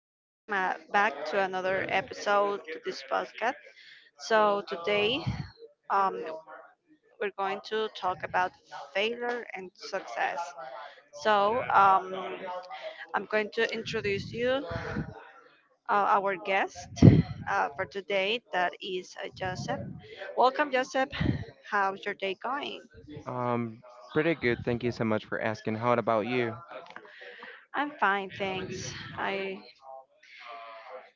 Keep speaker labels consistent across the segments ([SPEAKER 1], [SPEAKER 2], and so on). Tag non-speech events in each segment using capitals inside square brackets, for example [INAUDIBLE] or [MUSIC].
[SPEAKER 1] and welcome back to another episode to this podcast. So, today, um, we're going to talk about failure and success. So, I'm going to introduce you, our guest for today, that is, Joseph. Welcome, Joseph. How's your day going?
[SPEAKER 2] Um, Pretty good. Thank you so much for asking. How about you?
[SPEAKER 1] I'm fine, thanks. I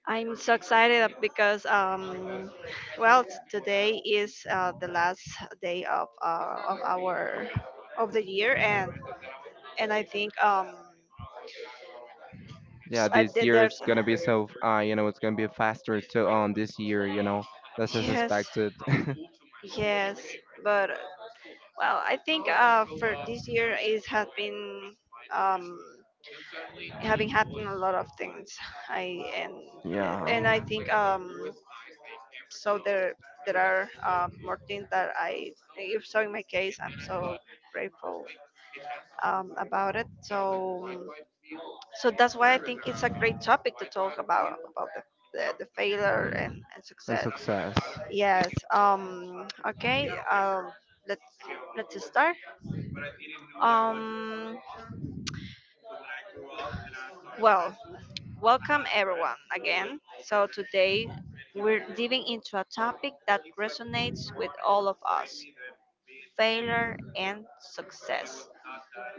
[SPEAKER 1] I'm so excited up because, well, today is, the last day of the year, and I think,
[SPEAKER 2] Yeah,
[SPEAKER 1] I
[SPEAKER 2] this
[SPEAKER 1] did
[SPEAKER 2] year it's
[SPEAKER 1] there's
[SPEAKER 2] gonna be so, you know, it's gonna be faster to on this year, you know. That's as
[SPEAKER 1] yes,
[SPEAKER 2] expected. [LAUGHS]
[SPEAKER 1] yes, but well, I think, for this year is has been, um having happened a lot of things. I
[SPEAKER 2] Yeah,
[SPEAKER 1] and I think, so there are, more things that I, if so in my case, I'm so grateful, about it. So, so that's why I think it's a great topic to talk about the the failure and
[SPEAKER 2] and
[SPEAKER 1] success.
[SPEAKER 2] success.
[SPEAKER 1] Yes. Okay. Let's let's start. Um. Well, welcome everyone again. So today we're diving into a topic that resonates with all of us: failure and success.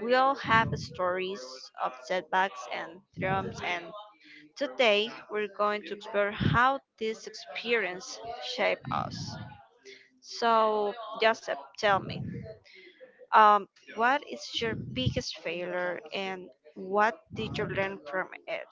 [SPEAKER 1] We all have stories of setbacks and triumphs, and today we're going to explore how this experience shaped us. So, Joseph, tell me, um, what is your biggest failure and what did you learn from it?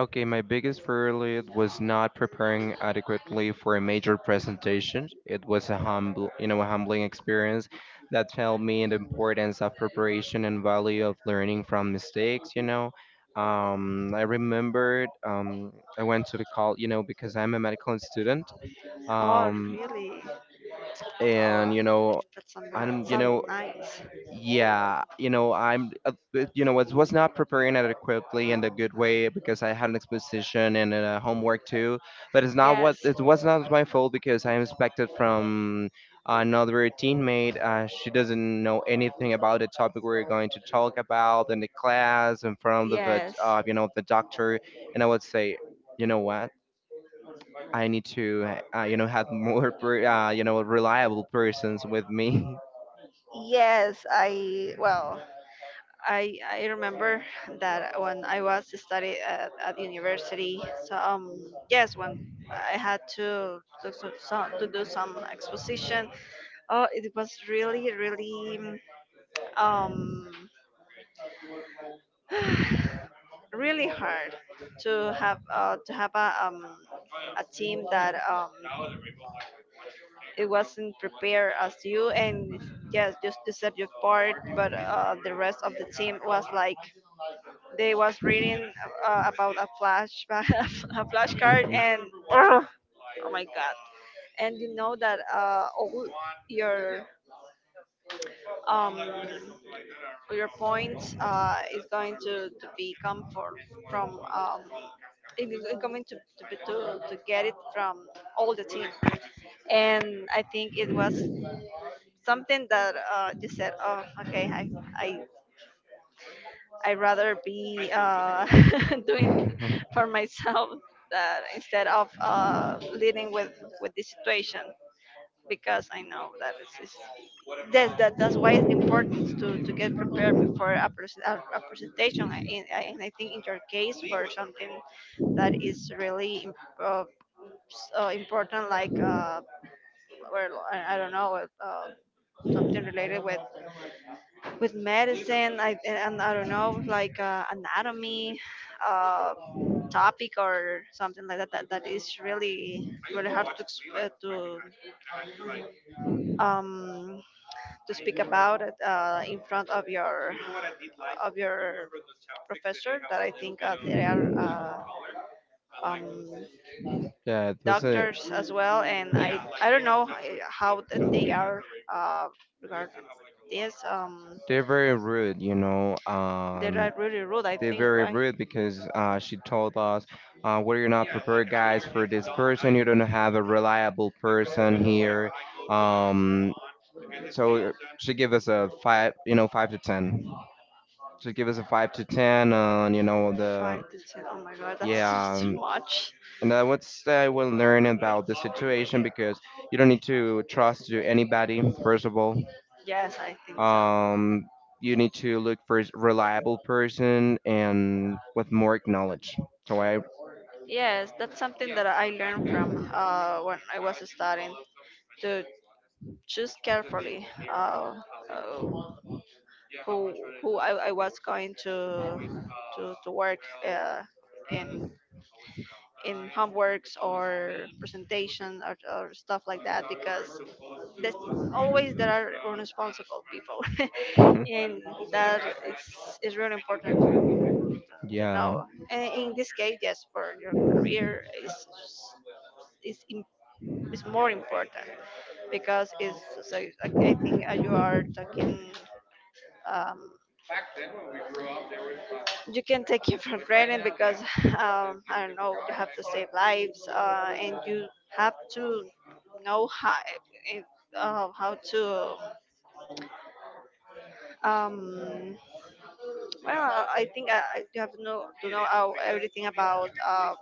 [SPEAKER 2] Okay, my biggest failure was not preparing adequately for a major presentation. It was a humble, you know, a humbling experience that taught me the importance of preparation and value of learning from mistakes. You know, I remembered I went to the call, you know, because I'm a medical student,
[SPEAKER 1] Oh,
[SPEAKER 2] um,
[SPEAKER 1] really? Oh,
[SPEAKER 2] and you know,
[SPEAKER 1] that's some,
[SPEAKER 2] I'm, you
[SPEAKER 1] some
[SPEAKER 2] know,
[SPEAKER 1] nice.
[SPEAKER 2] yeah, you know, you know, was not preparing adequately in a good way because I had an exposition and homework too. But
[SPEAKER 1] Yes,
[SPEAKER 2] it was not my fault because I expected from another teammate. She doesn't know anything about the topic we're going to talk about in the class in front of the,
[SPEAKER 1] yes.
[SPEAKER 2] you know, the doctor. And I would say, you know what? I need to, you know, have more, you know, reliable persons with me.
[SPEAKER 1] Yes, I well, I remember that when I was study at university. So, yes, when I had to do some exposition. Oh, it was really really, um [SIGHS] really hard to have, to have a, a team that, it wasn't prepared as you. And yes, just you said your part, but, the rest of the team was like they was reading, about a flashback, [LAUGHS] a
[SPEAKER 2] [LAUGHS]
[SPEAKER 1] flashcard,
[SPEAKER 2] Mhm.
[SPEAKER 1] and ugh, oh my God! And you know that, all your, um your points, is going to be come for from, it is going to, be- to get it from all the team. And I think it was something that, you said, oh okay, I I'd rather be, [LAUGHS]
[SPEAKER 2] [LAUGHS]
[SPEAKER 1] doing
[SPEAKER 2] yeah,
[SPEAKER 1] for myself, that instead of, leading with this situation, because I know that that's why it's important to get prepared before a presentation, and I think in your case for something that is really uh, important, like, or I don't know, something related with medicine. And I don't know, like, anatomy, uh, topic or something like that is really really hard to ex- um to speak about it, in front of your professor that I think, they are, um,
[SPEAKER 2] it was a.
[SPEAKER 1] doctors as well. And I don't know how that they are, uh, regarding this,
[SPEAKER 2] They're very rude, you know.
[SPEAKER 1] they are really rude, I
[SPEAKER 2] They're
[SPEAKER 1] think,
[SPEAKER 2] very
[SPEAKER 1] right?
[SPEAKER 2] rude because she told us, what are you not prepared, guys, for this person. You don't have a reliable person here." Um, so she gave us a five, you know, five to ten. She gave us a five to ten on, you know, the
[SPEAKER 1] 5 to 10. Oh my God, that's [LAUGHS]
[SPEAKER 2] yeah.
[SPEAKER 1] just too much.
[SPEAKER 2] And I would say I will learn about the situation because you don't need to trust to anybody first of all.
[SPEAKER 1] Yes, I think so.
[SPEAKER 2] Um, you need to look for a reliable person and with more knowledge. So I,
[SPEAKER 1] Yes, that's something that I learned from, when I was studying, to choose carefully, uh, uh, who who I was going to work, uh, in in homeworks or presentation, or stuff like that, because there's always there are irresponsible people [LAUGHS] and that is really important to,
[SPEAKER 2] [LAUGHS]
[SPEAKER 1] to
[SPEAKER 2] yeah,
[SPEAKER 1] know. And in this case, yes, for your career is, im- is more important, because it's so I think, you are talking, um, you can take it for granted, because, I don't know, you have to save lives, and you have to know how, it- how to, um, well I think, you have to know how everything about,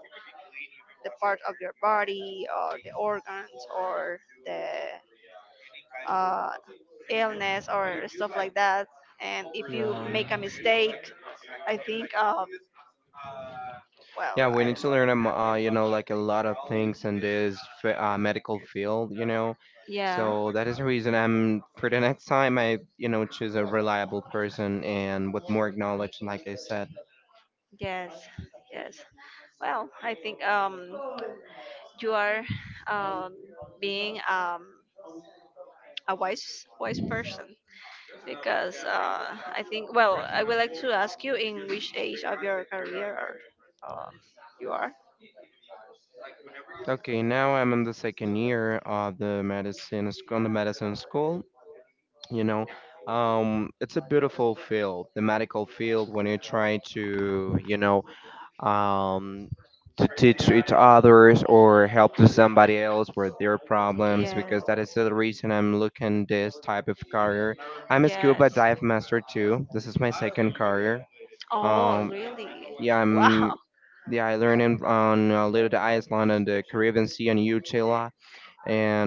[SPEAKER 1] the part of your body or the organs or the uh, illness or stuff like that. And if you
[SPEAKER 2] yeah,
[SPEAKER 1] make a mistake, I think. Well,
[SPEAKER 2] yeah. We
[SPEAKER 1] I,
[SPEAKER 2] need to learn, you know, like a lot of things in this medical field, you know.
[SPEAKER 1] yeah.
[SPEAKER 2] So that is the reason I'm for the next time I, you know, choose a reliable person and with more knowledge, like I said.
[SPEAKER 1] Yes, yes. Well, I think, you are, um, being, a wise wise person, because, I think. Well, I would like to ask you, in which age of your career are, um, you are.
[SPEAKER 2] Okay, now I'm in the second year of the on the medicine school, you know. It's a beautiful field, the medical field, when you try to, you know, um to teach each others or help to somebody else with their problems,
[SPEAKER 1] Yeah.
[SPEAKER 2] because that is the reason I'm looking this type of career. I'm a scuba
[SPEAKER 1] Yes.
[SPEAKER 2] dive master too. This is my second career.
[SPEAKER 1] Oh,
[SPEAKER 2] um
[SPEAKER 1] really?
[SPEAKER 2] yeah, I'm,
[SPEAKER 1] Wow.
[SPEAKER 2] yeah, I learned in, on a little to Iceland and the Caribbean Sea and Utah,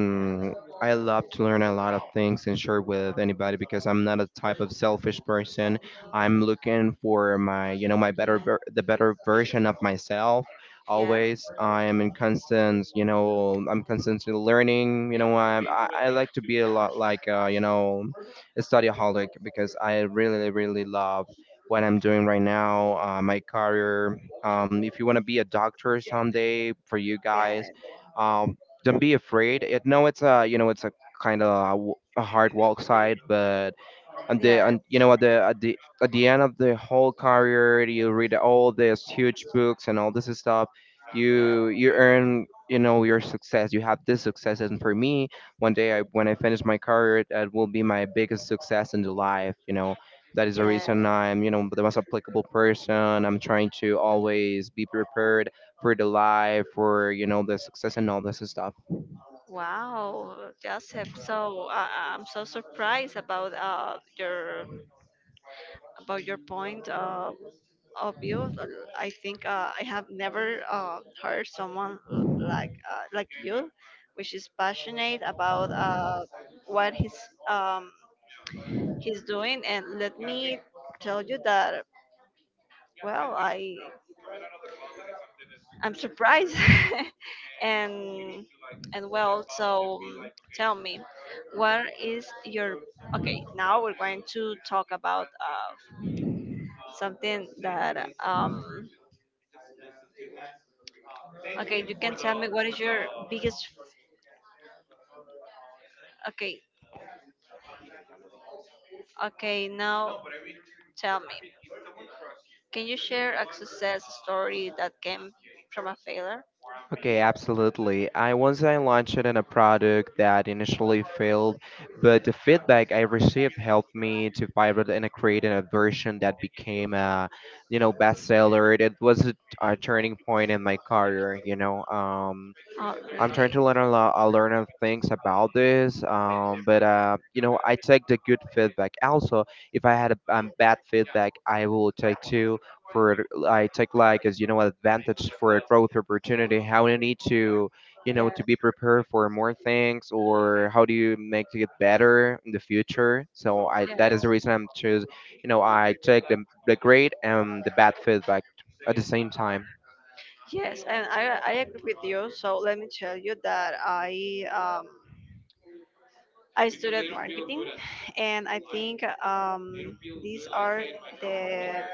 [SPEAKER 1] I love learning new.
[SPEAKER 2] I love to learn a lot of things and share with anybody because I'm not a type of selfish person. I'm looking for my, you know, my the better version of myself.
[SPEAKER 1] Yeah. Yeah. Yes.
[SPEAKER 2] Always, I am in constant, you know, I'm constantly learning. You know, I like to be a lot like, you know, a studyaholic because I really, really love what I'm doing right now, my career. If you want to be a doctor someday, for you guys.
[SPEAKER 1] Yes.
[SPEAKER 2] Um, don't be afraid. It, no, it's a, you know, it's a kind of a, a hard walk side, but
[SPEAKER 1] Yes.
[SPEAKER 2] and
[SPEAKER 1] new
[SPEAKER 2] the,
[SPEAKER 1] Yes. have
[SPEAKER 2] and
[SPEAKER 1] you
[SPEAKER 2] you
[SPEAKER 1] know
[SPEAKER 2] know, at the at the at the end of the whole career, you read all these huge books and all this stuff. You earn, you know, your success. You have this success, and for me, one day I, when I finish my career, that will be my biggest success in the life. You know that is the
[SPEAKER 1] Yes.
[SPEAKER 2] reason I'm, you know, the most applicable person. I'm trying to always be prepared for the life, for you know, the success and all this stuff.
[SPEAKER 1] Wow, Joseph. So, I'm so surprised about, your about your point. Obvious. I think, I have never, heard someone, like you, which is passionate about, what um, he's doing. And let me tell you that, well, I'm surprised, [LAUGHS] and and well, so, tell me, what is your okay? Now we're going to talk about, something that, okay, you can tell me, what is your biggest. Okay, okay, now tell me, can you share a success story that came from a failure?
[SPEAKER 2] Okay, absolutely. I once I launched it in a product that initially failed, but the feedback I received helped me to pivot and create a version that became a, you know, bestseller. It was a turning point in my career. You know,
[SPEAKER 1] Oh,
[SPEAKER 2] I'm trying
[SPEAKER 1] really?
[SPEAKER 2] to learn a lot, learn of things about this. But you know, I take the good feedback. Also, if I had a bad feedback, I will take too. For I take like, as you know, advantage for a growth opportunity. How you need to, you know,
[SPEAKER 1] Yeah,
[SPEAKER 2] to be prepared for more things, or how do you make to get better in the future? So I, that is
[SPEAKER 1] yes,
[SPEAKER 2] the reason I'm choose. You know, I take the great and the bad feedback at the same time.
[SPEAKER 1] yes, and I agree with you. So let me tell you that I studied marketing, and I think, these are the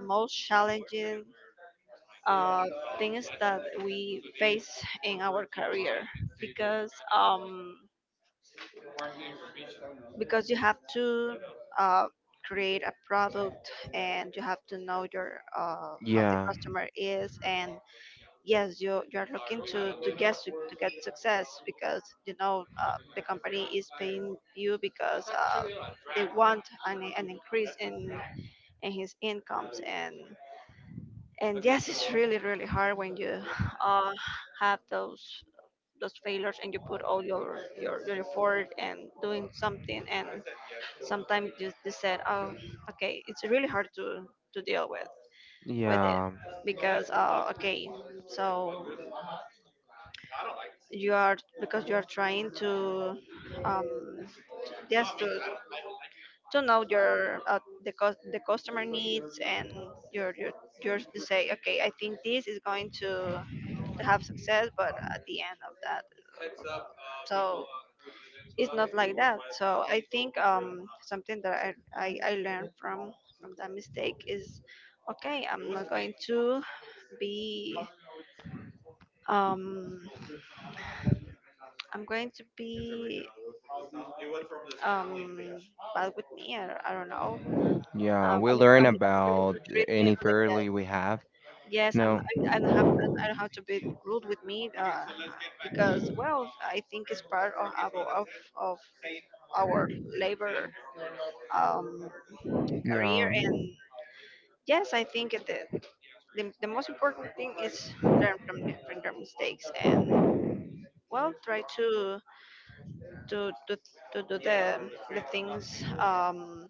[SPEAKER 1] most challenging, uh, things that we face in our career, because, um, because you have to, uh, create a product and you have to know your, how the
[SPEAKER 2] Yeah,
[SPEAKER 1] customer is. And yes, you're looking to get success, because you know, the company is paying you because, they want an increase in his incomes. And yes, it's really really hard when you [LAUGHS] uh, have those failures, and you put all your your effort and doing something, and sometimes just they said, oh okay, it's really hard to deal with it.
[SPEAKER 2] yeah.
[SPEAKER 1] Because, okay, so you are, because you are trying to, um yes to know your, the customer needs, and your yours to say, okay, I think this is going to have success, but at the end of that, uh, so it's not like that. So I think, something that I learned from that mistake is, okay, I'm not going to be, um I'm going to be, um bad with me, I don't know.
[SPEAKER 2] Yeah, we
[SPEAKER 1] I'm,
[SPEAKER 2] learn
[SPEAKER 1] I'm, I'm going
[SPEAKER 2] about
[SPEAKER 1] to treat me
[SPEAKER 2] any
[SPEAKER 1] like that.
[SPEAKER 2] fairly we have.
[SPEAKER 1] Yes, I'm. I'm
[SPEAKER 2] No,
[SPEAKER 1] I am i i do not have. I don't have to be rude with me, because, well, I think it's part of of our labor, um, career.
[SPEAKER 2] yeah,
[SPEAKER 1] And yes, I think the most important thing is learn from the, from their mistakes, and well, try to to, to do the things, um,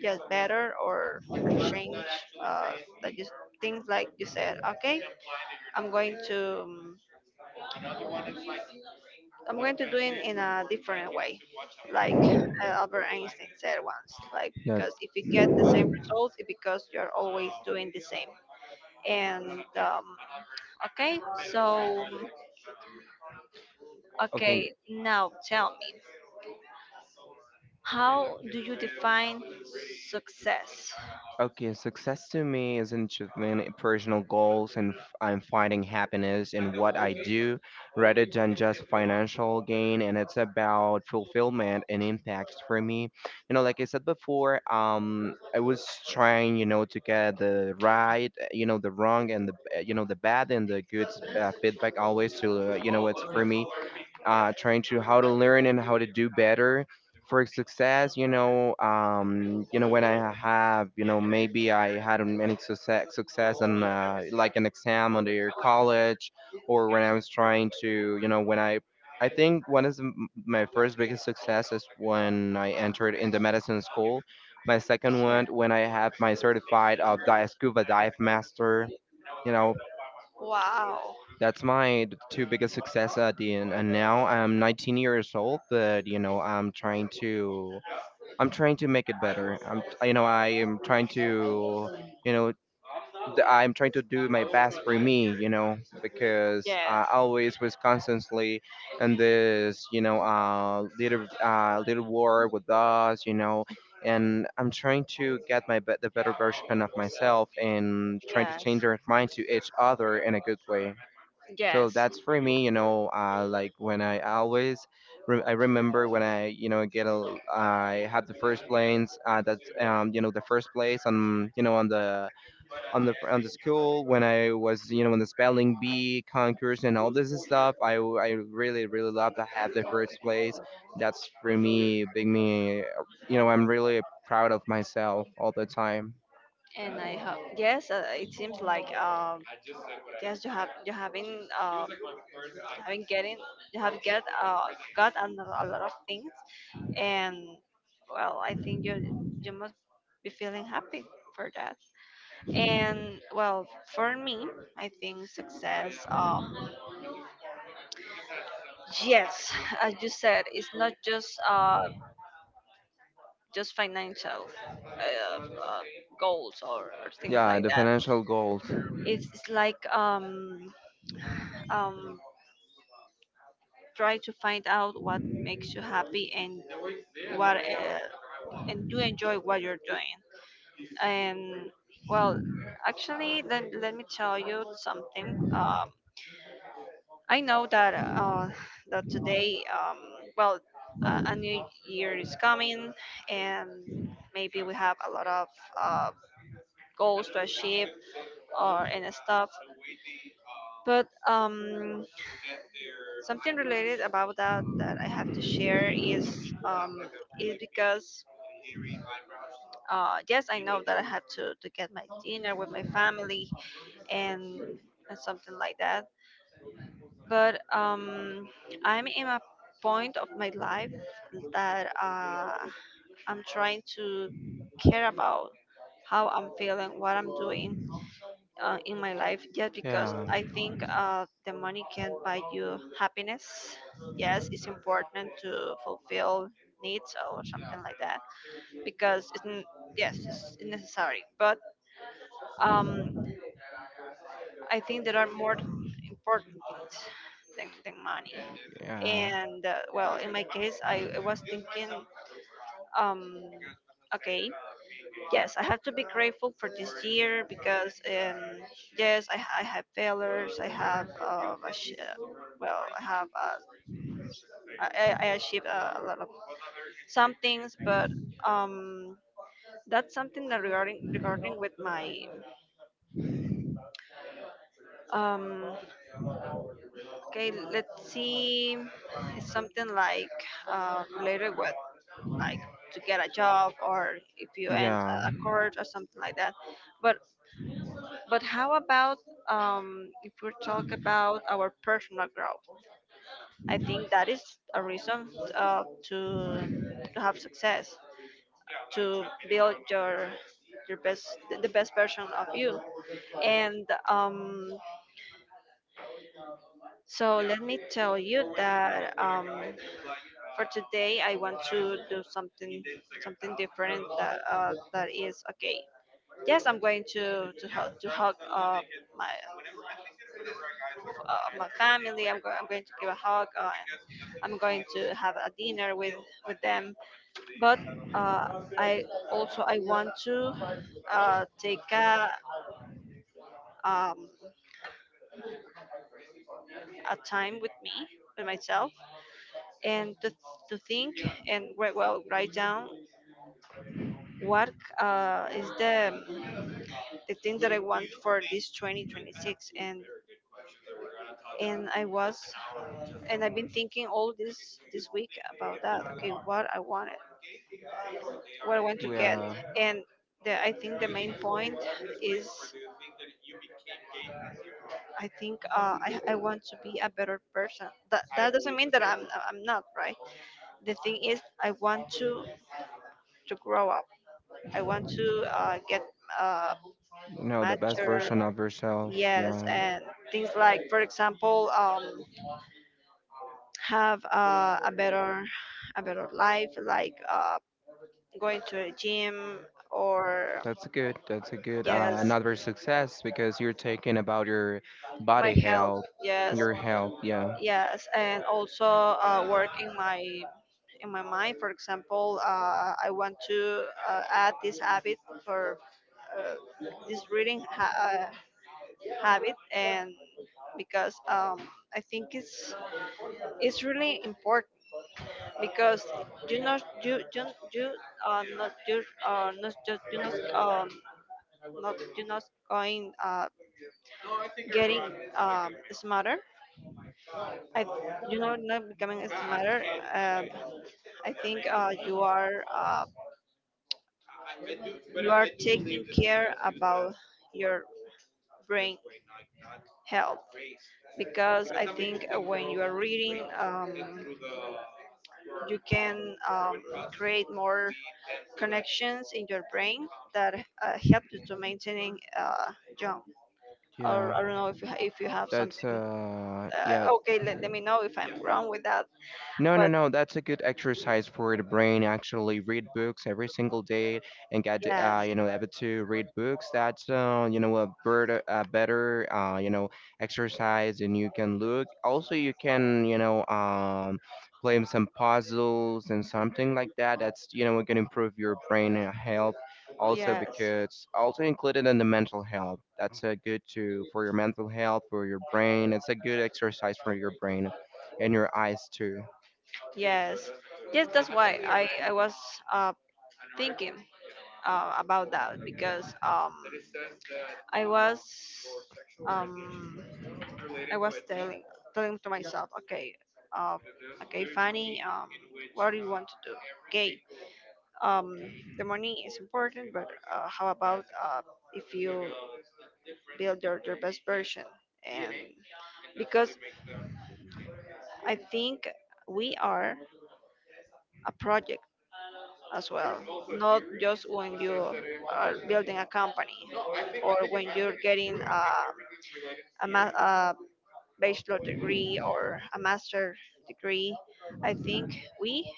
[SPEAKER 1] yes, better, or change, uh, that you, things like you said. Okay, I'm going to do it in a different way, like, Albert Einstein said once, like,
[SPEAKER 2] no.
[SPEAKER 1] because if you get the same result, it's because you're always doing the same. And, okay, so,
[SPEAKER 2] Okay,
[SPEAKER 1] okay, now tell me, how do you define success?
[SPEAKER 2] okay. Success to me is an achievement, in personal goals, and I'm finding happiness in what I do, rather than just financial gain. And it's about fulfillment and impact for me. You know, like I said before, I was trying, you know, to get the right, you know, the wrong and the, you know, the bad and the good feedback always to, you know, it's for me trying to how to learn and how to do better for success. You know when I have, you know, maybe I had any success on like an exam under college, or when I was trying to, you know, when I think my first biggest success is when I entered in the medicine school. My second
[SPEAKER 1] Yeah.
[SPEAKER 2] one when I had my certified of scuba dive master. You know,
[SPEAKER 1] Wow.
[SPEAKER 2] that's my two biggest success at the end. And now I'm 19 years old, but you know I'm trying to, I'm trying to make it better. I'm, you know, I am trying to, you know, I'm trying to do my best for me. You know, because
[SPEAKER 1] Yes.
[SPEAKER 2] I always was constantly in this, you know, little war with us. You know. And I'm trying to get the better version of myself and trying to change
[SPEAKER 1] Yes,
[SPEAKER 2] our mind to each other in a good way. So
[SPEAKER 1] yes,
[SPEAKER 2] that's for me, you know, like when I always, I remember when I, you know, get a, I have the first place, that's, you know, the first place on, you know, on the, on the school when I was, you know, in the spelling bee concourse and all this stuff. I really, really love to have the first place. That's for me, big me, you know, I'm really proud of myself all the time.
[SPEAKER 1] and I have yes. It seems like, yes, you have you haven't, having getting, you have get, got a, a lot of things, and well, I think you must be feeling happy for that. And well, for me, I think success. Yes, as you said, it's not just, just financial, uh, uh, goals, or things
[SPEAKER 2] Yeah,
[SPEAKER 1] like
[SPEAKER 2] the
[SPEAKER 1] that.
[SPEAKER 2] financial goals.
[SPEAKER 1] It's like, um, try to find out what makes you happy, and what, and do enjoy what you're doing. And well, actually, let me tell you something. I know that, that today, well, a new year is coming, and maybe we have a lot of, uh, goals to achieve or and stuff. But, something related about that that I have to share is, um, is because, yes, I know that I have to get my dinner with my family, and and something like that. But, I'm in a point of my life that, I'm trying to care about how I'm feeling, what I'm doing, in my life, just because
[SPEAKER 2] Yeah.
[SPEAKER 1] I think, the money can buy you happiness. Yes, it's important to fulfill needs or something like that, because it's, yes, it's necessary. But, um, I think there are more important things than money.
[SPEAKER 2] Yeah.
[SPEAKER 1] And, well, in my case, I was thinking. Um, okay. Yes, I have to be grateful for this year, because, yes, I have failures. I have, well, I have, I achieved, a lot of some things, but, um, that's something that regarding with my um. Okay, let's see. It's something like, related with, like, to get a job, or if you end
[SPEAKER 2] Yeah.
[SPEAKER 1] a course or something like that. But, how about, if we talk about our personal growth? I think that is a reason uh, to to have success, to build your best the best version of you. And um, so let me tell you that for today I want to do something different that that is okay. Yes, I'm going to hug my my family. I'm going. I'm going to give a hug. I'm going to have a dinner with them. But uh, I also I want to take um, a time with me with myself and to think and write, well, write down what is the thing that I want for this 2026. And and I was and I've been thinking all this week about that. Okay, what I want, what I want to
[SPEAKER 2] We
[SPEAKER 1] get.
[SPEAKER 2] are,
[SPEAKER 1] And the, I think the main point is, I think I want to be a better person. That, that doesn't mean that I'm not right. The thing is, I want to grow up. I want to get uh,
[SPEAKER 2] you know, the best
[SPEAKER 1] mature.
[SPEAKER 2] version of yourself.
[SPEAKER 1] Yes,
[SPEAKER 2] Yeah.
[SPEAKER 1] and things like, for example, have a better life like going to a gym or
[SPEAKER 2] That's a good. That's a good
[SPEAKER 1] yes,
[SPEAKER 2] another success, because you're taking about your
[SPEAKER 1] my
[SPEAKER 2] body
[SPEAKER 1] health,
[SPEAKER 2] health,
[SPEAKER 1] yes,
[SPEAKER 2] your health. Yeah.
[SPEAKER 1] yes, and also work in my mind. For example, I want to add this habit, for uh, this reading habit. And because I think it's really important, because you know, you you are not, you are not just, you not going getting smarter. I you know, not becoming smarter. um I think you are taking care about your brain health, because I think when you are reading, you can create more connections in your brain that help you to maintaining young. Or
[SPEAKER 2] Yeah.
[SPEAKER 1] I don't know, if you have
[SPEAKER 2] That's
[SPEAKER 1] something.
[SPEAKER 2] uh. Yeah.
[SPEAKER 1] Okay, let me know if I'm wrong with that.
[SPEAKER 2] No, no,
[SPEAKER 1] But
[SPEAKER 2] no. That's a good exercise for the brain. Actually, read books every single day and get,
[SPEAKER 1] yeah.
[SPEAKER 2] you know, able to read books. That's, you know, a better you know exercise, and you can look. Also, you can, you know, play some puzzles and something like that. That's, you know, gonna improve your brain health. Also,
[SPEAKER 1] Yes,
[SPEAKER 2] because also included in the mental health. That's a good to for your mental health, for your brain. It's a good exercise for your brain and your eyes too.
[SPEAKER 1] yes, yes. That's why I was uh thinking about that, because I was um I was telling to myself, okay, uh, okay, Fanny, what do you want to do? Okay, um, the money is important, but how about if you build your best version. And because I think we are a project as well, not just when you are building a company or when you're getting a bachelor degree or a master degree. I think we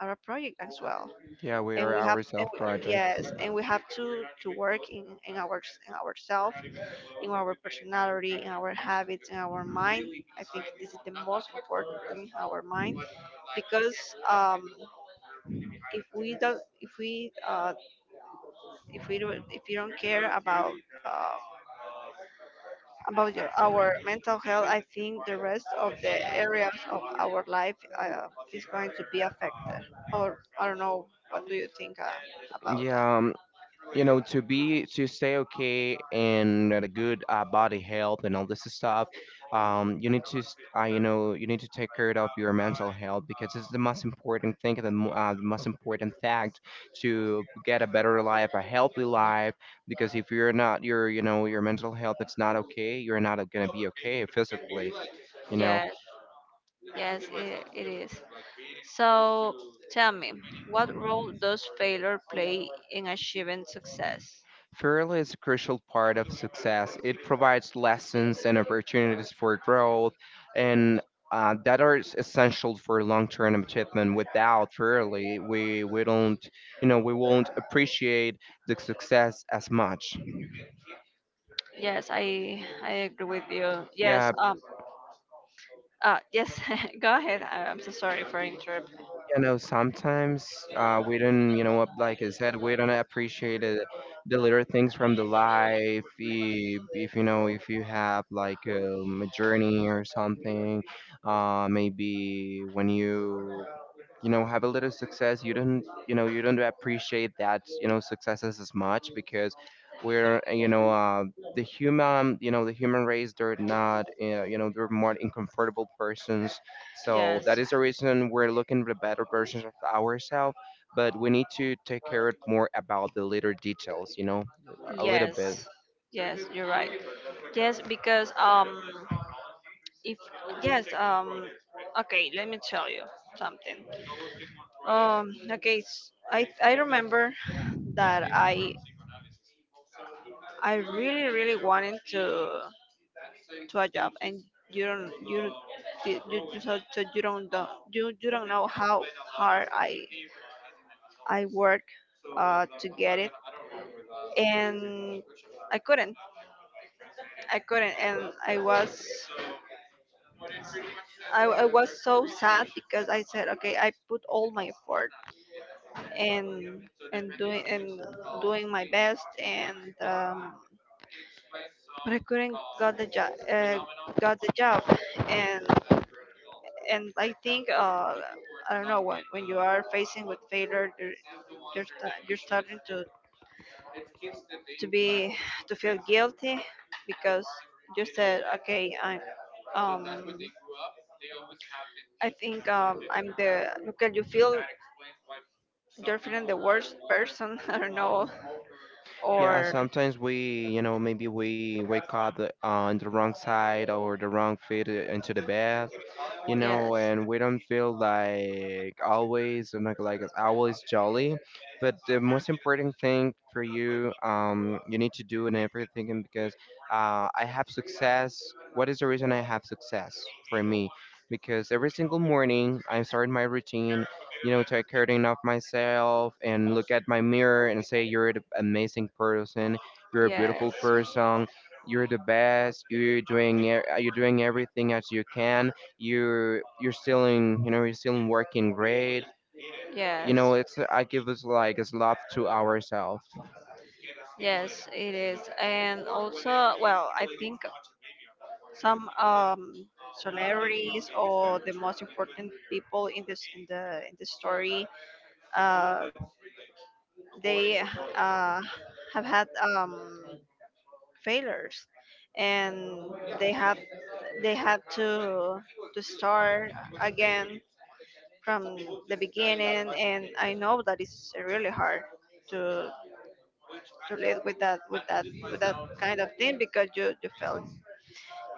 [SPEAKER 1] are a project as well,
[SPEAKER 2] Yeah, we
[SPEAKER 1] and
[SPEAKER 2] are
[SPEAKER 1] we have,
[SPEAKER 2] our self projects.
[SPEAKER 1] yes, and we have to work in our in ourself, in our personality, in our habits, in our mind. I think this is the most important thing, our mind, because um, if we don't if we uh, if we don't, if you don't care uh, about your our mental health, I think the rest of the areas of our life is going to be affected. Or I don't know. What do you think about that?
[SPEAKER 2] Yeah, you know, to be to stay okay and at a good body health and all this stuff, you need to you know, you need to take care of your mental health because it's the most important thing, the, the most important fact to get a better life, a healthy life. Because if you're not your, you know, your mental health, it's not okay. You're not gonna be okay physically. You know.
[SPEAKER 1] Yes, yes, it is. So tell me, what role does failure play in achieving success?
[SPEAKER 2] Fairly is a crucial part of success. It provides lessons and opportunities for growth, and that are essential for long-term achievement. Without fairly, we don't, you know, we won't appreciate the success as much.
[SPEAKER 1] Yes, I agree with you. Yes,
[SPEAKER 2] Yeah.
[SPEAKER 1] yes. [LAUGHS] Go ahead. I- I'm so sorry for interrupting.
[SPEAKER 2] You know, sometimes we don't, you know, like I said, we don't appreciate it, the little things from the life. If you know, if you have like a journey or something, maybe when you know, have a little success, you don't, you know, you don't appreciate that, you know, successes as much because we're you know, the human, you know, the human race, they're not, you know, they're more uncomfortable persons, so
[SPEAKER 1] Yes,
[SPEAKER 2] that is the reason we're looking for better versions of ourselves, but we need to take care more about the little details, you know, a little
[SPEAKER 1] yes,
[SPEAKER 2] bit.
[SPEAKER 1] yes, you're right. Yes, because if, yes, okay, let me tell you something. Okay, s I remember that I really, really wanted to a job. And you don't you you, you you- so, so you don't know, you don't know how hard I work to get it. And I couldn't, I couldn't, and I was, I was so sad, because I said, okay, I put all my effort and and doing and doing my best, and but I couldn't got the job. Got the job, and and I think, I don't know, when you are facing with failure, you're, sta you're starting to be to feel guilty, because you said, okay, I'm um I think I'm the look at, you feel, you're feeling the worst person. [LAUGHS] I don't know.
[SPEAKER 2] Yeah,
[SPEAKER 1] Or
[SPEAKER 2] sometimes we, you know, maybe we wake up on the wrong side or the wrong feet into the bed, you
[SPEAKER 1] yes,
[SPEAKER 2] know, and we don't feel like always like it's always jolly. But the most important thing for you, you need to do in everything, and because I have success. What is the reason I have success for me? Because every single morning I start my routine, you know, take care of myself and look at my mirror and say, "You're an amazing person, you're a
[SPEAKER 1] yes,
[SPEAKER 2] beautiful person, you're the best, you're doing, you're doing everything as you can. You're still in, you know, you're still in working grade, you
[SPEAKER 1] yes,
[SPEAKER 2] know." It's I give us like it's love to ourselves.
[SPEAKER 1] yes. It is. And also, well, I think some celebrities or the most important people in this, in the story, uh they have had um failures, and they have, they have to start again from the beginning. And I know that it's really hard to live with that, with that kind of thing, because you,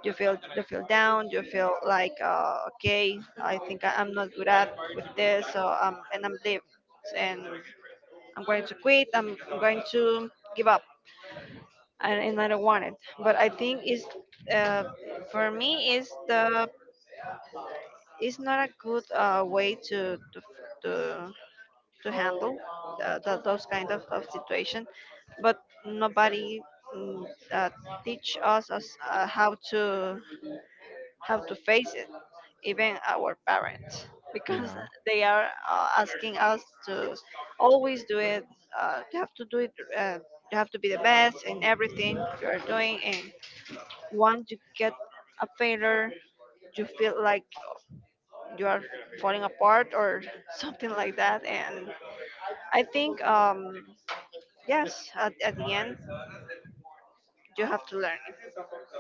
[SPEAKER 1] you feel, you feel down, you feel like, okay, I think, I'm not good at with this. So and I'm leaving and I'm going to quit, I'm going to give up. And I don't want it. But I think it's uh, for me, is the, it's not a good way to, to handle th- those kind of situation. But nobody mm, uh, teach us, how to, how to face it, even our parents, [LAUGHS] because
[SPEAKER 2] Yeah,
[SPEAKER 1] they are asking us to always do it. You have to do it. You have to be the best in everything you are doing. And once you get a failure, you feel like you are falling apart or [LAUGHS] something like that. And I think, yes, at the end, you have to learn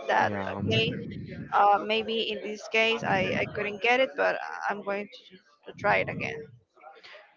[SPEAKER 1] that,
[SPEAKER 2] yeah.
[SPEAKER 1] okay, maybe in this case, I couldn't get it, but I'm going to try it again.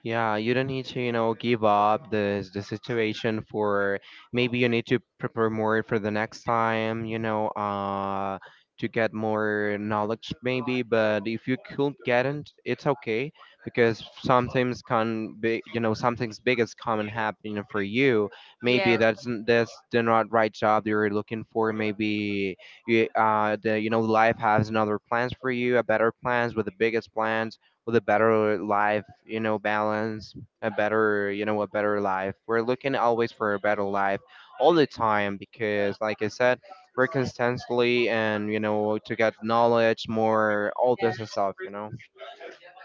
[SPEAKER 2] Yeah, you don't need to, you know, give up the situation. For maybe you need to prepare more for the next time, you know, uh, to get more knowledge maybe, but if you could get it, it's okay because sometimes can be, you know, something's big is common happening for you. Maybe
[SPEAKER 1] Yes,
[SPEAKER 2] that's the not right job you're looking for. Maybe you, the, you know, life has another plans for you, a better plans with the biggest plans with a better life, you know, balance, a better, you know, a better life. We're looking always for a better life all the time because, like I said, we're constantly and, you know, to get knowledge more, all this
[SPEAKER 1] yes,
[SPEAKER 2] stuff, you know?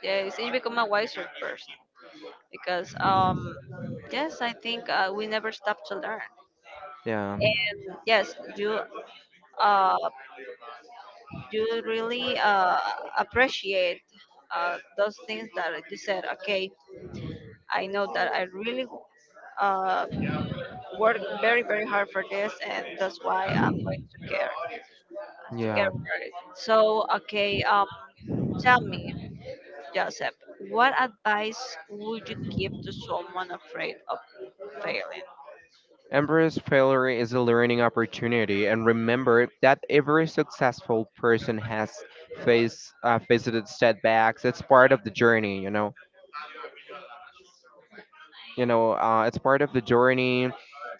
[SPEAKER 1] yes. You become a wiser person because, yes, I think we never stop to learn.
[SPEAKER 2] Yeah,
[SPEAKER 1] And yes, you uh, you really appreciate those things. That you said, okay, I know that I really uh, worked very, very hard for this, and that's why I'm going to care,
[SPEAKER 2] yeah.
[SPEAKER 1] for it. So okay, tell me, Joseph, what advice would you give to someone afraid of failing?
[SPEAKER 2] Embrace failure is a learning opportunity, and remember that every successful person has faced visited setbacks. It's part of the journey, you know. You know, it's part of the journey.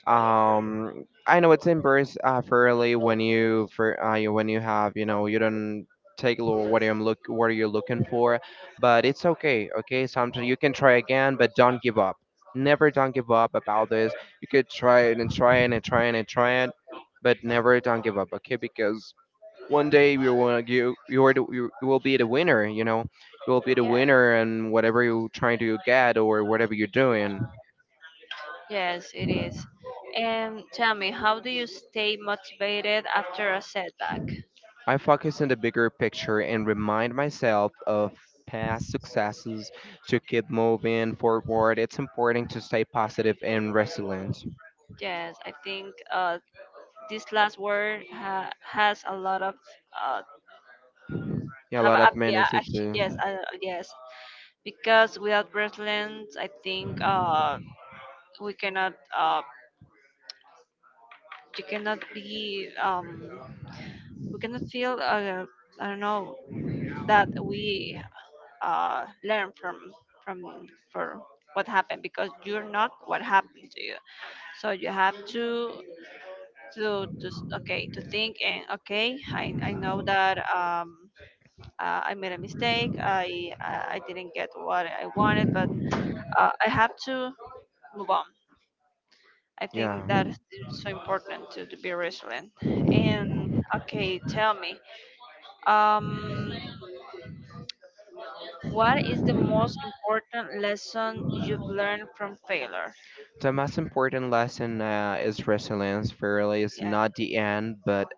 [SPEAKER 2] I know it's embarrassed fairly when you for when you have, you know, you don't take a look what I'm look what are you looking for, but it's okay. Okay, sometimes you can try again, but don't give up. Never don't give up about this. You could try it and try it and try it and try it, but never don't give up. Okay, because one day you will you are the, you will be the winner. You know you will be the
[SPEAKER 1] Yeah,
[SPEAKER 2] winner and whatever you're trying to get or whatever you're doing.
[SPEAKER 1] yes, it is. And tell me, how do you stay motivated after a setback?
[SPEAKER 2] I focus on the bigger picture and remind myself of past successes to keep moving forward. It's important to stay positive and resilient.
[SPEAKER 1] Yes, I think this last word has a lot of uh,
[SPEAKER 2] Yeah, a
[SPEAKER 1] have
[SPEAKER 2] lot
[SPEAKER 1] a,
[SPEAKER 2] of
[SPEAKER 1] bi-
[SPEAKER 2] meanings
[SPEAKER 1] a
[SPEAKER 2] it
[SPEAKER 1] hu- yes,
[SPEAKER 2] do.
[SPEAKER 1] yes, because without wrestling, I think we cannot you cannot be, we cannot feel, I don't know, that we learn from for what happened, because you're not what happened to you. So you have to okay, to think, and okay, I know that I made a mistake. I didn't get what I wanted, but I have to move on. I
[SPEAKER 2] Yeah.
[SPEAKER 1] think that is so important, to be resilient. And okay, tell me, um, what is the most important lesson you've learned from failure?
[SPEAKER 2] The most important lesson is resilience. Failure is
[SPEAKER 1] Yeah.
[SPEAKER 2] not the end, but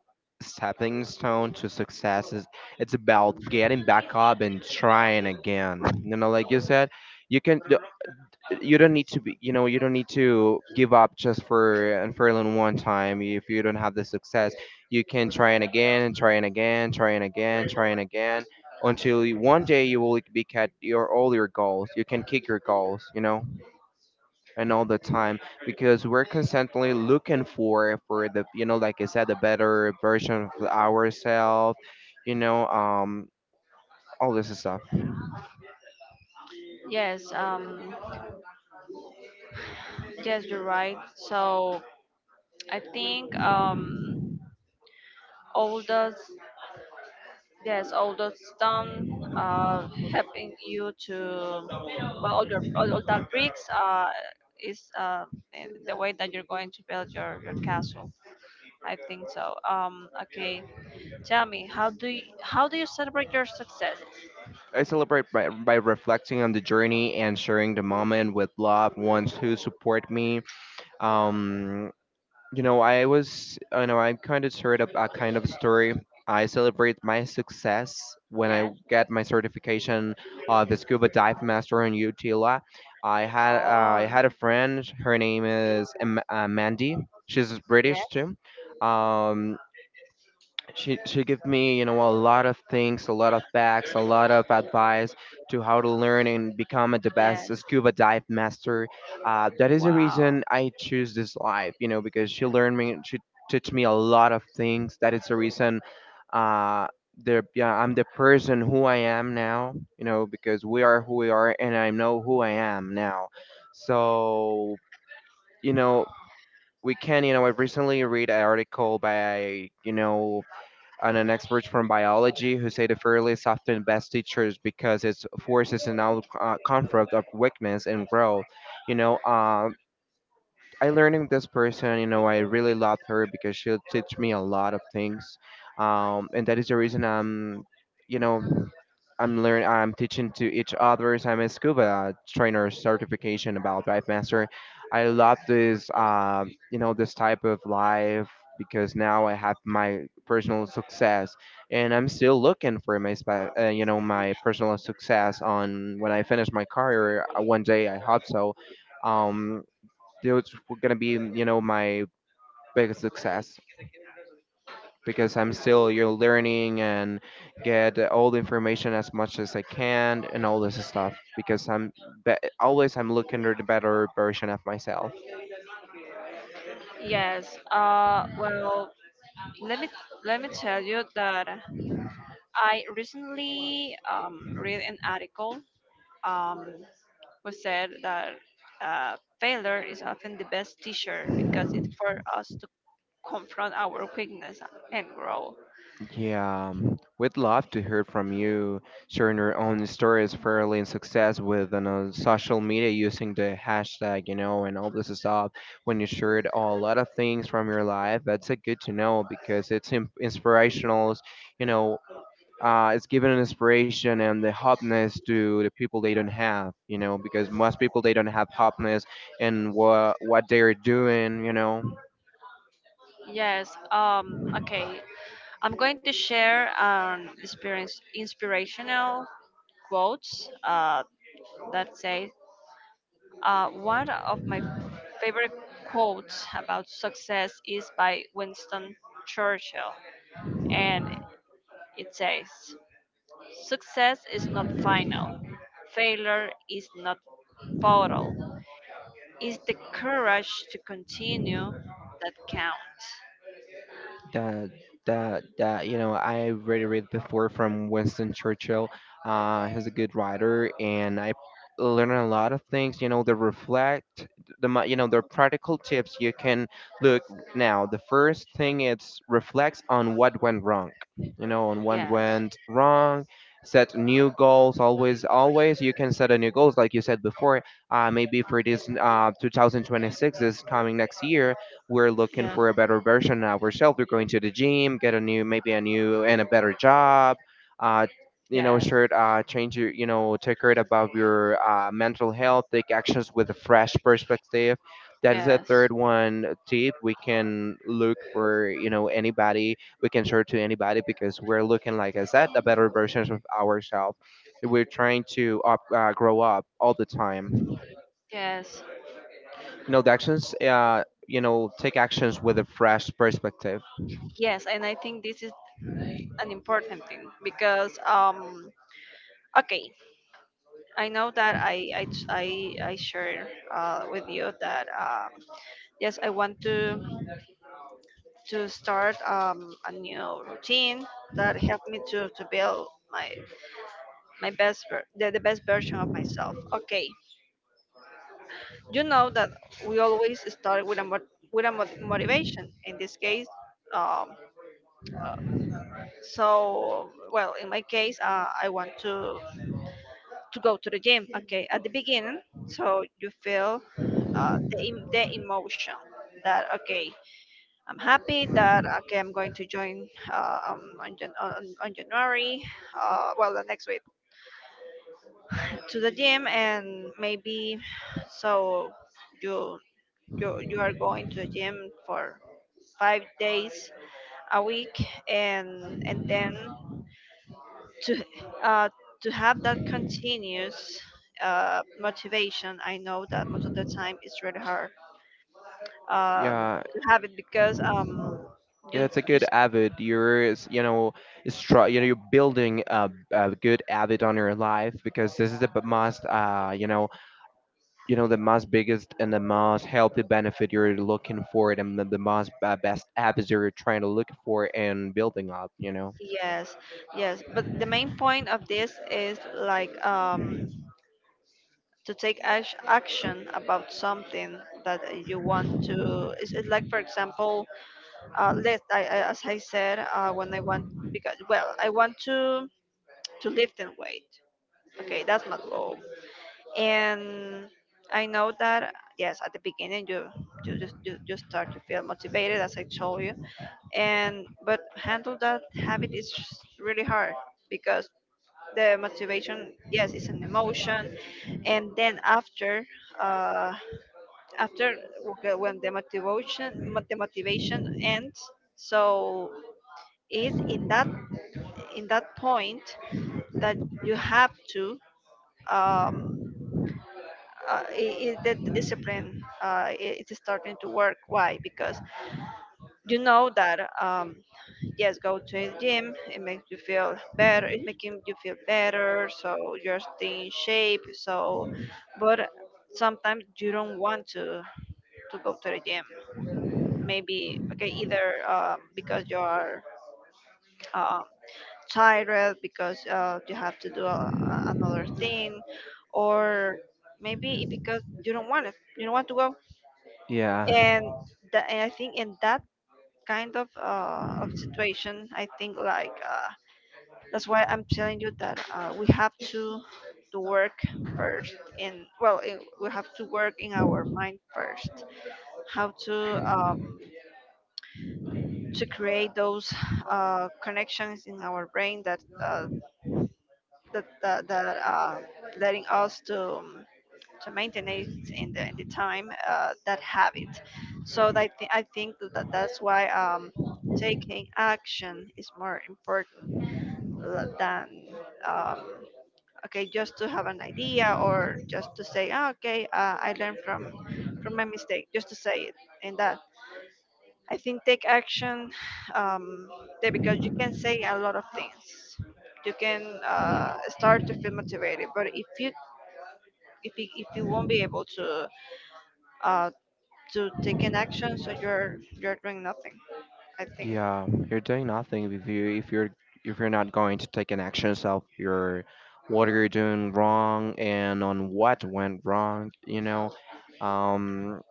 [SPEAKER 2] stepping stone to success is it's about getting back up and trying again. You know, like you said, you can you don't need to be, you know, you don't need to give up just for and for alone one time if you don't have the success. You can try and again and try and again, try and again, try and again until you, one day you will be at your all your goals. You can kick your goals, you know, and all the time because we're constantly looking for the, you know, like I said, the better version of ourselves, you know. All this stuff.
[SPEAKER 1] Yes. Yes, you're right. So I think all those, yes, all those stone helping you to, well, all your, all that bricks is in the way that you're going to build your castle. I think so. Okay, tell me, how do you celebrate your success?
[SPEAKER 2] I celebrate by, reflecting on the journey and sharing the moment with loved ones who support me. Um, you know, I was, you know, I kind of shared a kind of story. I celebrate my success when I
[SPEAKER 1] Yes.
[SPEAKER 2] get my certification of the scuba dive master in Utila. I
[SPEAKER 1] Oh,
[SPEAKER 2] had a friend. Her name is Mandy. She's
[SPEAKER 1] yes.
[SPEAKER 2] British too. Um, she gave me, you know, a lot of things, a lot of facts, a lot of advice to how to learn and become the
[SPEAKER 1] Yes.
[SPEAKER 2] best scuba dive master. That is the
[SPEAKER 1] Wow.
[SPEAKER 2] reason I choose this life, you know, because she learned me, she taught me a lot of things. That is the reason, uh, the yeah, I'm the person who I am now, you know, because we are who we are, and I know who I am now. So, you know, we can, you know, I recently read an article by, you know, and an expert from biology who say the failure is often best teachers because it forces an out conflict of weakness and growth. You know, I learning this person, you know, I really love her because she'll teach me a lot of things. And that is the reason I'm, you know, I'm learn I'm teaching to each others. I'm a scuba trainer certification about dive master. I love this, you know, this type of life because now I have my personal success, and I'm still looking for my, you know, my personal success on when I finish my career. One day I hope so. Um, those were gonna be, you know, my biggest success because I'm still, you know, learning and get all the information as much as I can and all this stuff because I'm always I'm looking for the better version of myself.
[SPEAKER 1] Yes. Well, let me let me tell you that I recently read an article um, who said that failure is often the best teacher, because it's for us to confront our weakness and grow.
[SPEAKER 2] Yeah, we'd love to hear from you sharing your own stories fairly in success with on social media using the hashtag, you know, and all this stuff. When you shared a lot of things from your life, that's a good to know because it's inspirational, you know, it's giving an inspiration and the hotness to the people they don't have, you know, because most people they don't have hotness and what they're doing, you know.
[SPEAKER 1] Yes. Okay. I'm going to share an experience, inspirational quotes that say, one of my favorite quotes about success is by Winston Churchill, and it says, "Success is not final. Failure is not fatal. It's the courage to continue that counts."
[SPEAKER 2] that that you know I already read before from Winston Churchill. He's a good writer, and I learned a lot of things. You know, the reflect, you know the practical tips you can look now. The first thing is reflects on what went wrong. You know, on what
[SPEAKER 1] Yes.
[SPEAKER 2] went wrong. Set new goals. Always, always you can set a new goals, like you said before. Maybe for this 2026 is coming next year. We're looking
[SPEAKER 1] Yeah.
[SPEAKER 2] for a better version of ourselves. We're going to the gym, get a new, maybe a new and a better job. Uh, you know,
[SPEAKER 1] Yes.
[SPEAKER 2] start change your, you know, take care about your mental health. Take actions with a fresh perspective. That is a
[SPEAKER 1] Yes.
[SPEAKER 2] third one tip. We can look for, you know, anybody. We can share to anybody because we're looking, like I said, the better versions of ourselves. We're trying to up, grow up all the time,
[SPEAKER 1] Yes.
[SPEAKER 2] you know. The actions you know take actions with a fresh perspective.
[SPEAKER 1] Yes. And I think this is an important thing, because okay, I know that I share with you that yes, I want to start a new routine that help me to build my my best ver- the best version of myself. Okay, you know that we always start with a motivation. In this case, um uh, so, well, in my case, I want to go to the gym. Okay, at the beginning, so you feel the, the emotion that okay, I'm happy that okay, I'm going to join on January, well, the next week, to the gym. And maybe so you. You are going to the gym for 5 days a week and then to uh, to have that continuous motivation. I know that most of the time it's really hard,
[SPEAKER 2] Yeah.
[SPEAKER 1] to have it because
[SPEAKER 2] Yeah,
[SPEAKER 1] you.
[SPEAKER 2] it's a good habit you're it's, you know, it's try, you know, you're building a good habit on your life because this is the b- most you know, you know, the most biggest and the most healthy benefit you're looking for and the most best habits you're trying to look for and building up, you know.
[SPEAKER 1] Yes, yes, but the main point of this is like, to take action about something that you want to. It's like for example, let I as I said when I want, because well I want to lift and weight. Okay, that's my goal. And I know that yes, at the beginning you, you just you, you start to feel motivated, as I told you, and but handle that habit is really hard, because the motivation, yes, it's an emotion. And then after, uh after, okay, when the motivation the motivation ends, so it's in that, in that point that you have to, um I the discipline, I it's starting to work. Why? Because you know that, yes, go to a gym. It makes you feel better. It's making you feel better, so you're staying in shape. So, but sometimes you don't want to go to the gym. Maybe okay, either because you are, um, tired, because you have to do a, another thing, or maybe it because you don't want it. You don't want to go,
[SPEAKER 2] Yeah.
[SPEAKER 1] and that, and I think in that kind of situation, I think like, that's why I'm telling you that we have to work first in, well in, we have to work in our mind first, how to, um to create those connections in our brain that that that, that uh letting us to, to maintenance in the time, that habit. So I think that that's why, taking action is more important than, um, okay, just to have an idea, or just to say, "Ah, okay, I learned from my mistake," just to say it. And that, I think take action, um, there, because you can say a lot of things, you can start to feel motivated, but if you, if you, if you won't be able to, uh, to take an action, so you're doing nothing, I think.
[SPEAKER 2] Yeah, you're doing nothing if you if you're not going to take an actions of your what you're doing wrong and on what went wrong, you know. Um,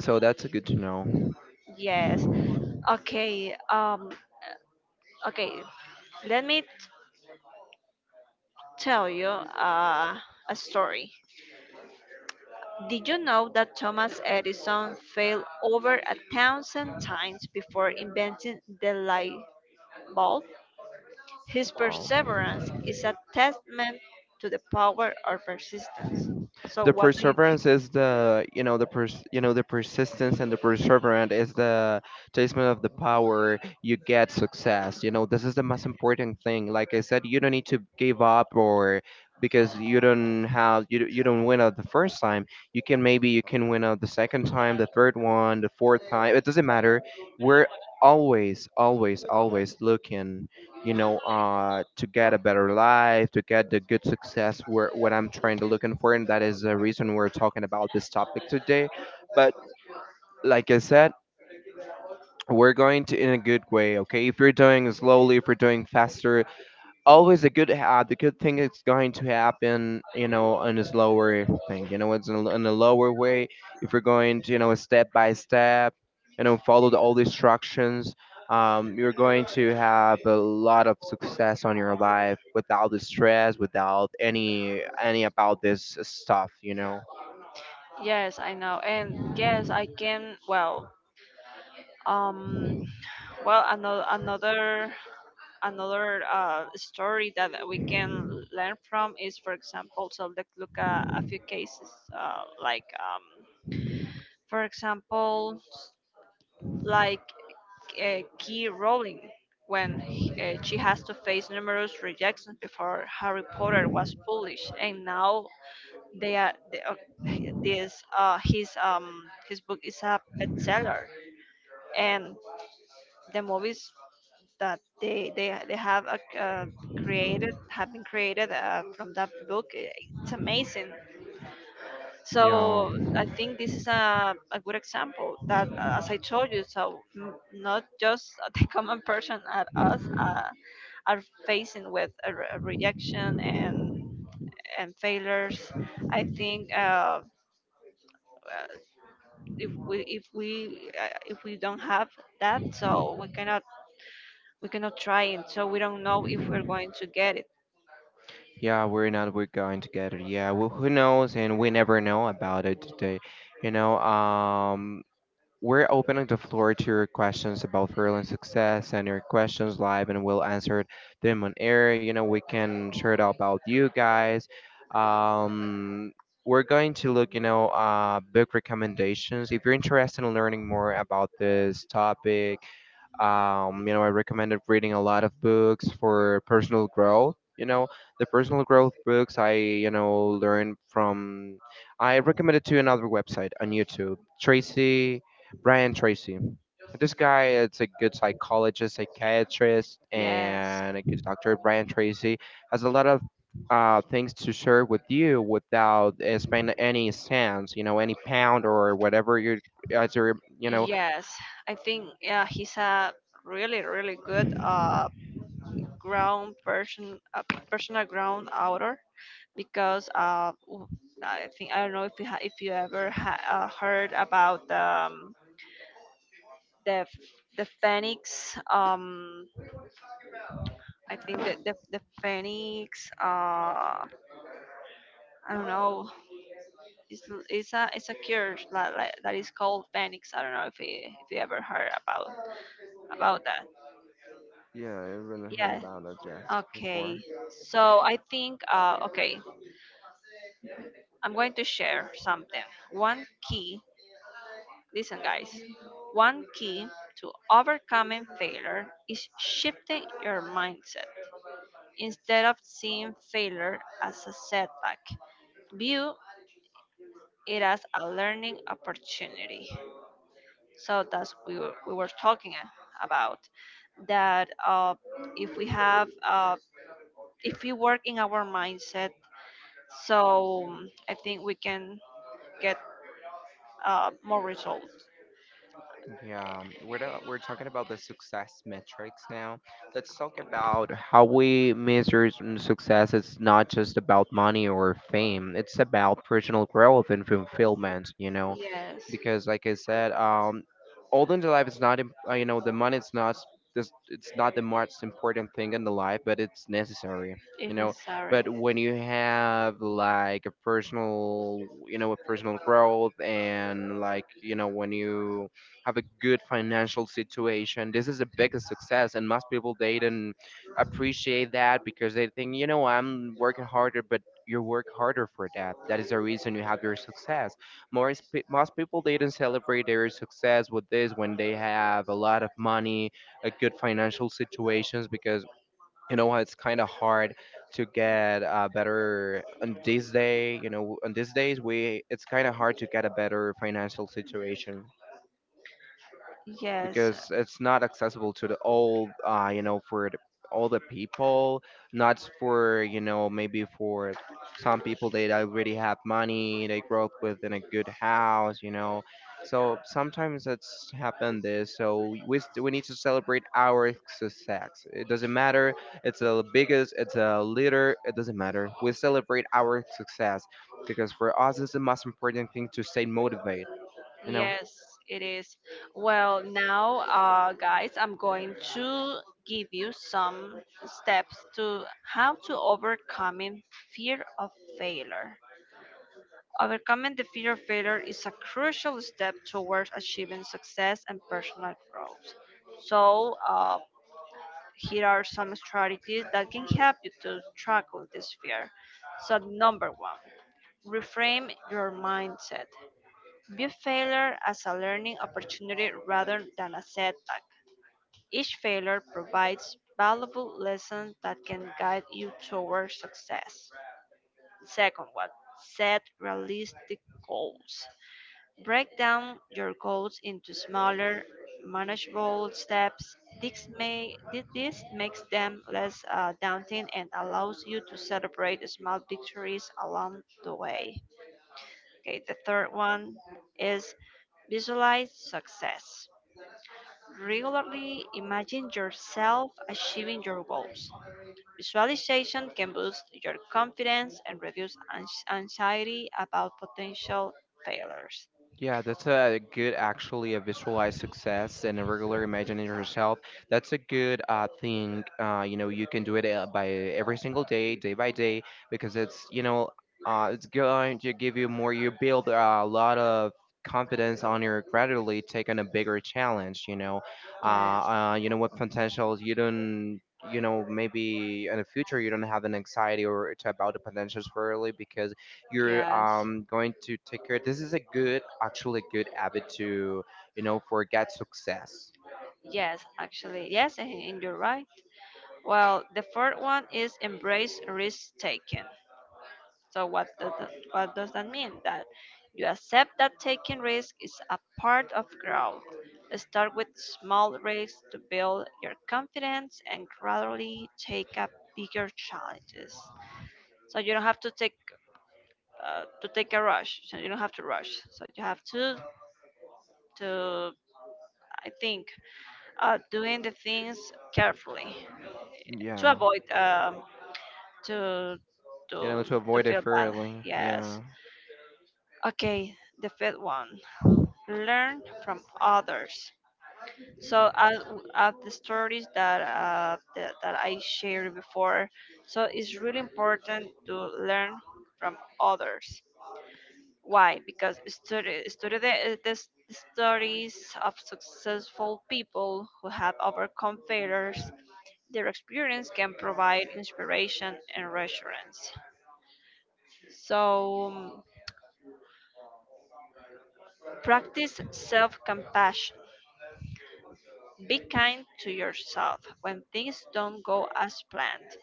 [SPEAKER 2] so that's a good to know.
[SPEAKER 1] Yes. Okay, okay, let me tell you, a story. Did you know that Thomas Edison failed over a thousand times before inventing the light bulb? His
[SPEAKER 2] Wow.
[SPEAKER 1] perseverance is a testament to the power of persistence. So
[SPEAKER 2] The
[SPEAKER 1] what do you think?
[SPEAKER 2] perseverance is the, you know, the you know the persistence and the perseverance is the testament of the power you get success, you know. This is the most important thing, like I said, you don't need to give up or because you don't have you, you don't win out the first time. You can maybe you can win out the second time, the third one, the fourth time. It doesn't matter. We're always, always, always looking, you know, to get a better life, to get the good success where what I'm trying to looking for, and that is the reason we're talking about this topic today. But like I said, we're going to in a good way, okay? If you're doing slowly, if you're doing faster, always a good the good thing is going to happen, you know, in a slower thing, you know, it's in a lower way. If you're going to, you know, step by step, you know, follow the, all the instructions, you're going to have a lot of success on your life without the stress, without any about this stuff, you know.
[SPEAKER 1] Yes, I know, and yes, I can, well, um well, another, another, another story that we can learn from is, for example, so let's look at a few cases, uh, like, um, for example, like, Key Rowling. When she has to face numerous rejections before Harry Potter was published, and now they are they, this his book is a bestseller, and the movies that they have a, created, having created from that book, it's amazing.
[SPEAKER 2] Yeah.
[SPEAKER 1] So I think this is a good example that, as I told you, so not just [LAUGHS] the common person at us uh, are facing with a, a rejection and failures. I think, uh, if we, if we if we don't have that, so we cannot, we cannot try it, so we don't know if we're going to get it.
[SPEAKER 2] Yeah, we're not we're going together. Yeah. Well, who knows? And we never know about it today, you know. We're opening the floor to your questions about furling success and your questions live, and we'll answer them on air. You know, we can share it about you guys. Um, we're going to look, you know, book recommendations. If you're interested in learning more about this topic, you know, I recommended reading a lot of books for personal growth. You know, the personal growth books I, you know, learned from. I recommended to another website on YouTube, Tracy Brian Tracy. This guy is a good psychologist, psychiatrist,
[SPEAKER 1] Yes,
[SPEAKER 2] and a good doctor. Brian Tracy has a lot of things to share with you without spending any cents, you know, any pound or whatever you're as your, you know,
[SPEAKER 1] yes. I think yeah, he's a really, really good ground person, personal ground outer, because I think I don't know if you ha, if you ever ha heard about, the the Phoenix. I think that the Phoenix, I don't know, it's it's a, it's a cure that that is called Phoenix. I don't know if you, if you ever heard about that.
[SPEAKER 2] Yeah, I really heard
[SPEAKER 1] Yeah.
[SPEAKER 2] about it just before.
[SPEAKER 1] Okay, so I think, okay, I'm going to share something. One key, listen, guys, one key to overcoming failure is shifting your mindset. Instead of seeing failure as a setback, view it as a learning opportunity. So that's we were talking about that, if we have, if we work in our mindset, so I think we can get, more results.
[SPEAKER 2] Yeah, we're talking about the success metrics now. Let's talk about how we measure some success. It's not just about money or fame. It's about personal growth and fulfillment. You know,
[SPEAKER 1] Yes,
[SPEAKER 2] because like I said, all in the life is not im- you know, the money is not s- this, it's not the most important thing in the life, but it's necessary. You
[SPEAKER 1] if
[SPEAKER 2] know,
[SPEAKER 1] necessary.
[SPEAKER 2] but when you have like a personal, you know, a personal growth, and like, you know, when you have a good financial situation, this is a biggest success, and most people they didn't appreciate that because they think, you know, I'm working harder, but you work harder for that. That is the reason you have your success. Most people they didn't celebrate their success with this when they have a lot of money, a good financial situations, because, you know, it's kind of hard to get better on this day. You know, on these days we, it's kind of hard to get a better financial situation,
[SPEAKER 1] Yes,
[SPEAKER 2] because it's not accessible to the all, you know, for the all the people, not for, you know, maybe for some people, they already have money, they grow up within a good house, you know. So sometimes that's happened this. So we, we need to celebrate our success. It doesn't matter, it's a biggest, it's a leader, it doesn't matter, we celebrate our success, because for us it's the most important thing to stay motivated, you know.
[SPEAKER 1] yes, it is. Well, now, guys, I'm going to give you some steps to how to overcoming fear of failure. Overcoming the fear of failure is a crucial step towards achieving success and personal growth. So, here are some strategies that can help you to tackle this fear. So, number one: reframe your mindset. View failure as a learning opportunity rather than a setback. Each failure provides valuable lessons that can guide you toward success. Second one, set realistic goals. Break down your goals into smaller, manageable steps. This, may, this makes them less, daunting, and allows you to celebrate small victories along the way. Okay, the third one is visualize success. Regularly imagine yourself achieving your goals. Visualization can boost your confidence and reduce anxiety about potential failures.
[SPEAKER 2] Yeah, that's a good, actually a visualized success and a regular imagining yourself. That's a good thing. You know, you can do it by every single day, day by day, because it's, you know, it's going to give you more. You build a lot of confidence on your gradually taking a bigger challenge.
[SPEAKER 1] Yes,
[SPEAKER 2] You know what potentials you don't. You know, maybe in the future you don't have an anxiety or to about the potentials for early, because you're
[SPEAKER 1] yes,
[SPEAKER 2] going to take care. This is a good, actually good habit to, you know, forget success.
[SPEAKER 1] yes, actually, yes, and you're right. Well, the fourth one is embrace risk taking. So what does that mean? That you accept that taking risk is a part of growth. Start with small risks to build your confidence and gradually take up bigger challenges. So you don't have to take, to take a rush. So you don't have to rush. So you have to, I think, doing the things carefully, to
[SPEAKER 2] Yeah,
[SPEAKER 1] avoid, to to
[SPEAKER 2] you know, to
[SPEAKER 1] to
[SPEAKER 2] avoid it
[SPEAKER 1] feel bad.
[SPEAKER 2] fairly.
[SPEAKER 1] Yes.
[SPEAKER 2] Yeah,
[SPEAKER 1] Okay, the fifth one. Learn from others. So out of the stories that, that I shared before, so it's really important to learn from others. Why? Because study the stories of successful people who have overcome failures. Their experience can provide inspiration and reassurance. So, practice self-compassion. Be kind to yourself when things don't go as planned.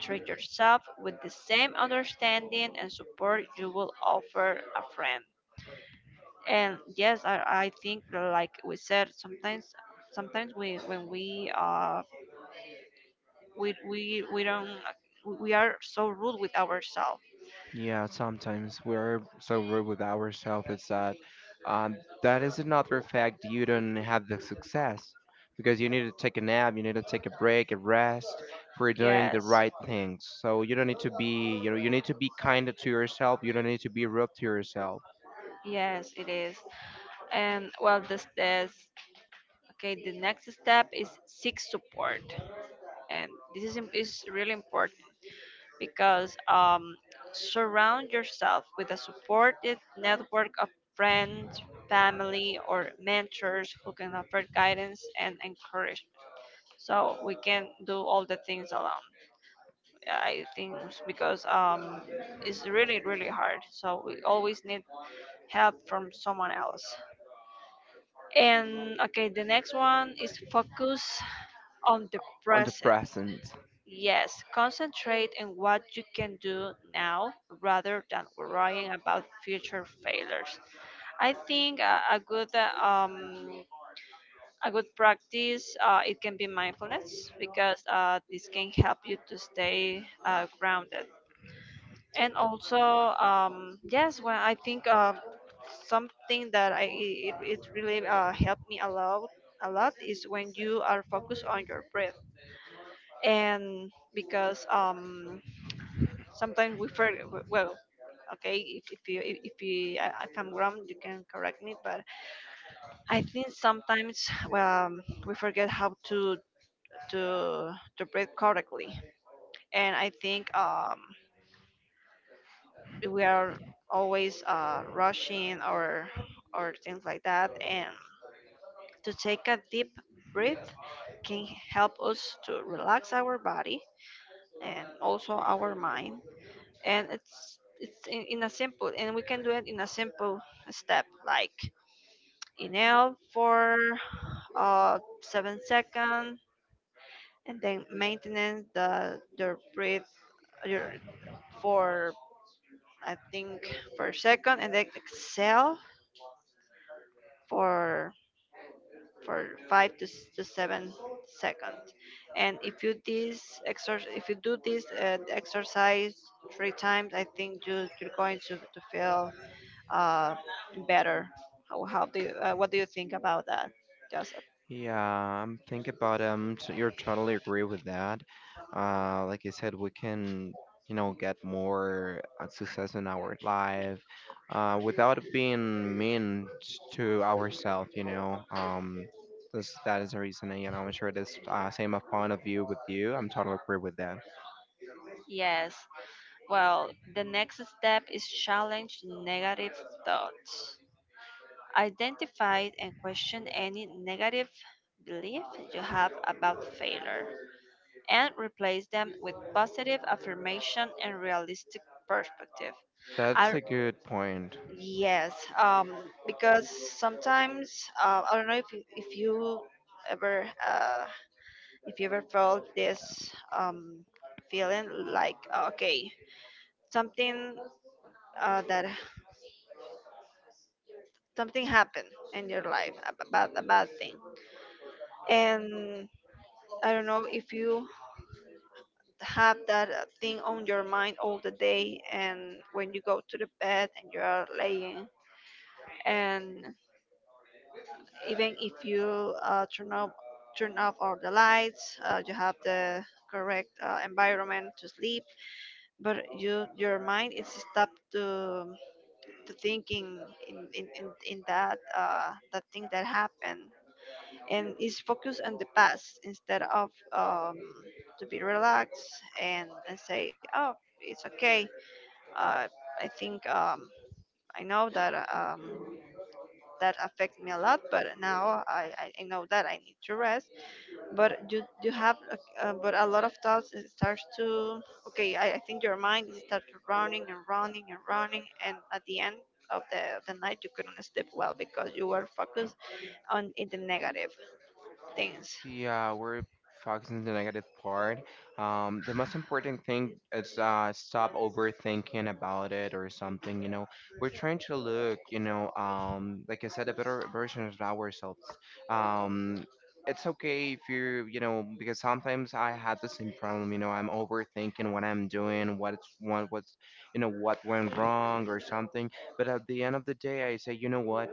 [SPEAKER 1] Treat yourself with the same understanding and support you will offer a friend. And yes, I think like we said, sometimes, sometimes we when we we don't, we are so rude with ourselves.
[SPEAKER 2] yeah. Sometimes we're so rude with ourselves. It's that, that is another fact. You don't have the success because you need to take a nap. You need to take a break, a rest for doing the
[SPEAKER 1] Yes,
[SPEAKER 2] right things. So you don't need to be, you know, you need to be kind to yourself. You don't need to be rude to yourself
[SPEAKER 1] yes, it is. And well, this, okay. The next step is seek support, and this is is really important, because, surround yourself with a supportive network of friends, family, or mentors who can offer guidance and encouragement. So we can do all the things alone. I think it's because, it's really, really hard. So we always need help from someone else. And okay, the next one is focus on the
[SPEAKER 2] on the
[SPEAKER 1] present.
[SPEAKER 2] present.
[SPEAKER 1] Yes, concentrate on what you can do now rather than worrying about future failures. I think, a good practice, it can be mindfulness, because this can help you to stay, grounded. And also, yes, well, I think, something that it really, helped me a lot, a lot is when you are focused on your breath. And because, sometimes we forget. Well, okay, if you, if you if I'm wrong, you can correct me. But I think sometimes, um, we forget how to, breathe correctly, and I think, we are always, rushing or things like that. And to take a deep breath can help us to relax our body and also our mind. And it's in a simple, and we can do it in a simple step like inhale for 7 second, and then maintenance the your breath, your, for, I think per second, and then exhale for for five to, to 7 seconds. And if you this exercise, if you do this, exercise three times, I think you, you're going to feel, uh, better. How do you, what do you think about that, Joseph?
[SPEAKER 2] Yeah, I'm thinking about You're totally agree with that. Like I said, we can, you know, get more success in our life, without being mean to ourselves. You know, this that is the reason. And, you know, I'm sure this same of point of view with you. I'm totally agree with that.
[SPEAKER 1] Yes. Well, the next step is challenge negative thoughts. Identify and question any negative belief you have about failure and replace them with positive affirmation and realistic perspective.
[SPEAKER 2] That's
[SPEAKER 1] I
[SPEAKER 2] a good point.
[SPEAKER 1] yes, because sometimes, I don't know if you, if you ever, if you ever felt this, um, feeling like, okay, something, that something happened in your life, a bad, a bad thing, and I don't know if you have that, thing on your mind all the day, and when you go to the bed and you are laying, and even if you, turn off all the lights, you have the correct, environment to sleep, but you, your mind is stuck to thinking in that, that thing that happened, and is focused on the past instead of, to be relaxed, and say, oh, it's okay. uh, I think, I know that, that affected me a lot, but now I know that I need to rest. But you have but a lot of thoughts, it starts to, okay, I think your mind is start running and running and running, and at the end of the night you couldn't sleep well because you were focused on in the negative things.
[SPEAKER 2] Yeah, we're focusing on the negative part. The most important thing is stop overthinking about it or something. You know, we're trying to look, you know, like I said, a better version of ourselves. Um, it's okay if you, you know, because sometimes I had the same problem. You know, I'm overthinking what I'm doing, you know, what went wrong or something. But at the end of the day, I say, you know what?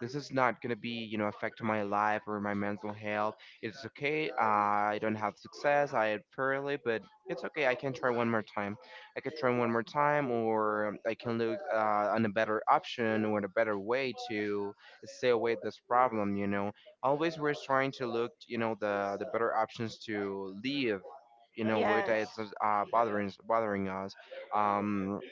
[SPEAKER 2] This is not going to be, you know, affect my life or my mental health. It's okay, I don't have success, I had fairly, but it's okay, I can try one more time, I could try one more time, or I can look on a better option or a better way to stay away this problem, you know. Always we're trying to look, you know, the better options to leave, you know, where that
[SPEAKER 1] Yes.
[SPEAKER 2] it's bothering us. um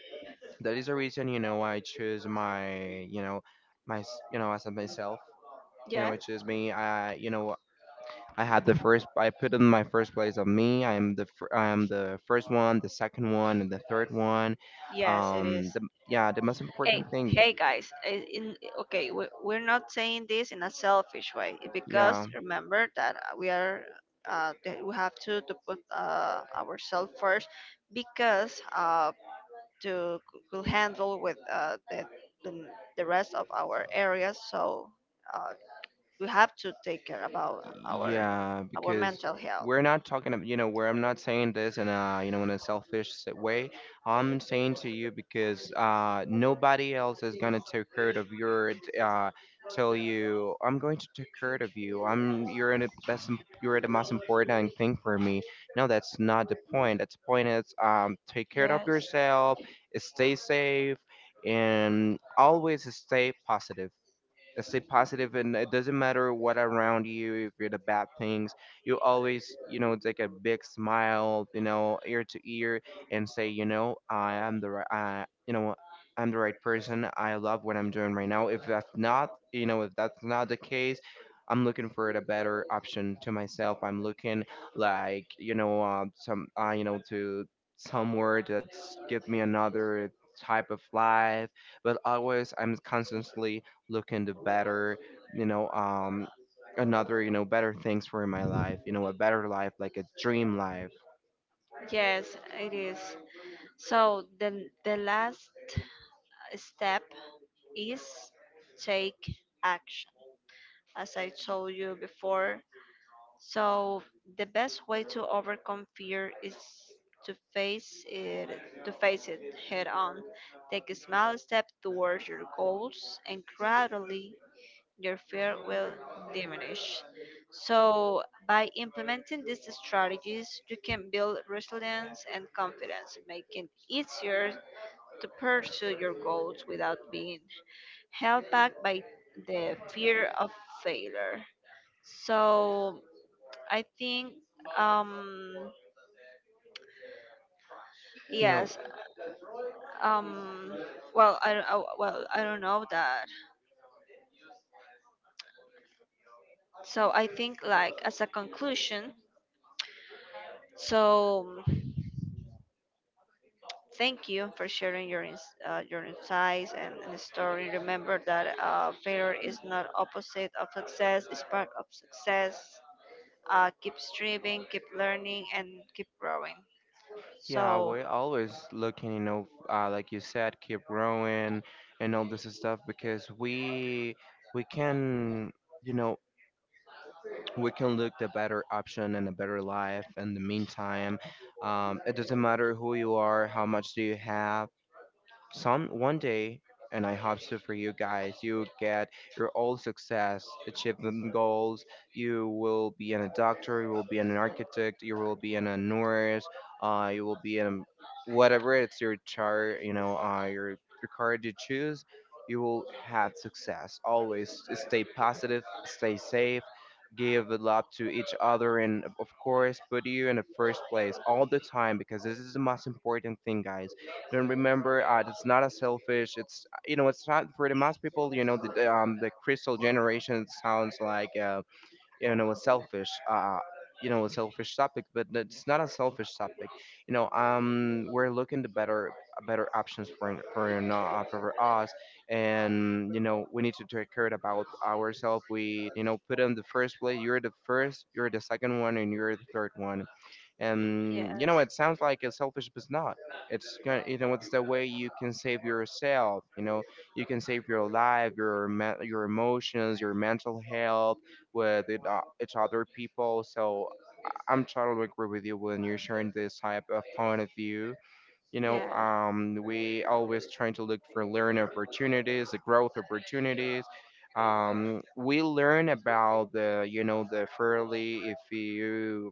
[SPEAKER 2] that is the reason, you know, I choose my, you know, my you know, as of myself, you know,
[SPEAKER 1] Yes.
[SPEAKER 2] which is me, I, you know, I had the first, I put in my first place of me, I am the I am the first one, the second one, and the third one.
[SPEAKER 1] Yes, it is.
[SPEAKER 2] The, yeah, the most
[SPEAKER 1] Hey,
[SPEAKER 2] important thing.
[SPEAKER 1] hey guys, okay, we, we're not saying this in a selfish way, because
[SPEAKER 2] Yeah,
[SPEAKER 1] remember that, we are, that we have to put, ourselves first, because, to could handle with, the the rest of our areas. So, uh, we have to take care about our
[SPEAKER 2] Yeah,
[SPEAKER 1] our
[SPEAKER 2] because
[SPEAKER 1] mental health.
[SPEAKER 2] we're not talking about, you know, where I'm not saying this in a, you know, in a selfish way. I'm saying to you because nobody else is gonna take care of your, tell you, I'm going to take care of you. I'm, you're the best, you're the most important thing for me. No, that's not the point. That's the point is, take care of
[SPEAKER 1] Yes.
[SPEAKER 2] yourself, stay safe, and always stay positive, and stay positive, and it doesn't matter what around you, if you're the bad things, you always, you know, take a big smile, you know, ear to ear, and say, you know, I am the right, I, you know, I'm the right person, I love what I'm doing right now. If that's not, you know, if that's not the case, I'm looking for a better option to myself, I'm looking like, you know, some you know, to somewhere that's give me another type of life, but always I'm constantly looking to better, you know, another, you know, better things for my life, you know, a better life, like a dream life.
[SPEAKER 1] Yes, it is. So the last step is take action. As I told you before, so the best way to overcome fear is to face it, to face it head on. Take a small step towards your goals, and gradually your fear will diminish. So by implementing these strategies you can build resilience and confidence, making it easier to pursue your goals without being held back by the fear of failure. So I think, um
[SPEAKER 2] You know,
[SPEAKER 1] yes, um well I, don't- oh, well, I don't know that. So I think like as a conclusion, so thank you for sharing your your insights and story. Remember that, failure is not opposite of success; it's part of success. Keep striving, keep learning, and keep growing.
[SPEAKER 2] yeah,
[SPEAKER 1] So
[SPEAKER 2] we're always looking, you know, like you said, keep growing and all this stuff, because we can, you know, we can look the better option and a better life in the meantime. It doesn't matter who you are, how much do you have. Some one day, and I hope so for you guys, you get your all success, achievement goals. You will be in a doctor, you will be an architect, you will be in a nurse, you will be in whatever it's your chart, you know, your card you choose. You will have success. Always stay positive, stay safe, give love to each other, and of course, put you in the first place all the time, because this is the most important thing, guys. Then remember, it's not as selfish. It's, you know, it's not for the most people. You know, the crystal generation sounds like you know, a selfish you know, a selfish topic, but it's not a selfish topic. You know, we're looking to better, better options for us, and you know, we need to take care about ourselves. We, you know, put in the first place. You're the first. You're the second one, and you're the third one.
[SPEAKER 1] yes,
[SPEAKER 2] And you know, it sounds like it's selfish, but it's not. It's gonna, you know, it's the way you can save yourself. You know, you can save your life, your your emotions, your mental health with it, each other people. So I'm totally agree with you when you're sharing this type of point of view. You know,
[SPEAKER 1] yeah.
[SPEAKER 2] we always trying to look for learn opportunities, the growth opportunities. We learn about the, you know, the fairly. If you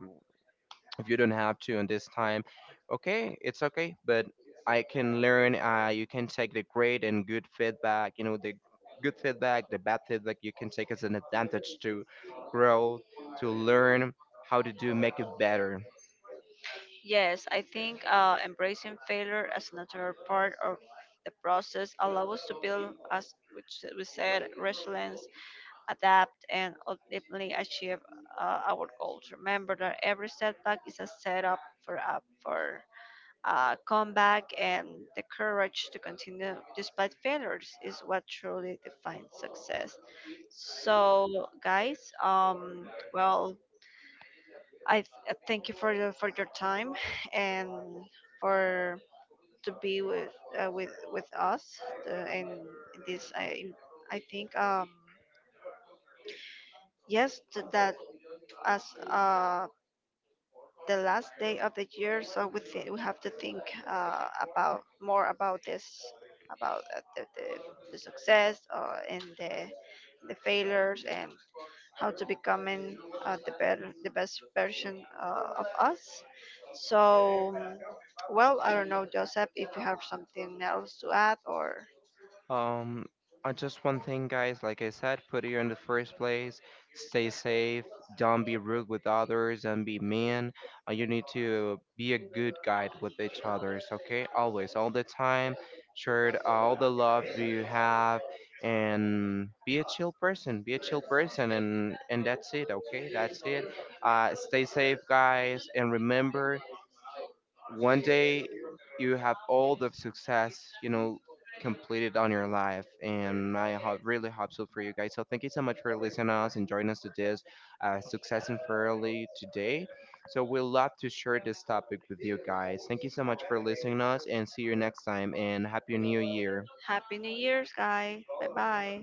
[SPEAKER 2] if you don't have to in this time, okay, it's okay, but I can learn. You can take the great and good feedback, you know, the good feedback, the bad feedback, you can take as an advantage to grow, to learn how to do make it better.
[SPEAKER 1] Yes, I think, embracing failure as a natural part of the process allows us to build, as which we said, resilience, adapt, and ultimately achieve, our goals. Remember that every setback is a setup for a, for a comeback, and the courage to continue despite failures is what truly defines success. So, guys, well thank you for your time, and for to be with, with us, uh, in, in this. I think, yes that as the last day of the year, so we we have to think, about more about this, about, the success, and the failures, and how to becoming, the better, the best version, of us. So, well, I don't know, Joseph, if you have something else to add or
[SPEAKER 2] Um, just one thing, guys. Like I said, put it in the first place. Stay safe. Don't be rude with others and be mean. You need to be a good guide with each others. Okay, always, all the time. Share all the love you have, and be a chill person. Be a chill person, and that's it. Okay, that's it. Stay safe, guys, and remember one day you have all the success, you know, completed on your life. And I really hope so for you guys. So thank you so much for listening to us and joining us to this success and fairly today. So we love to share this topic with you guys. Thank you so much for listening to us, and see you next time and happy new year.
[SPEAKER 1] Happy New Year's, guy. Bye bye.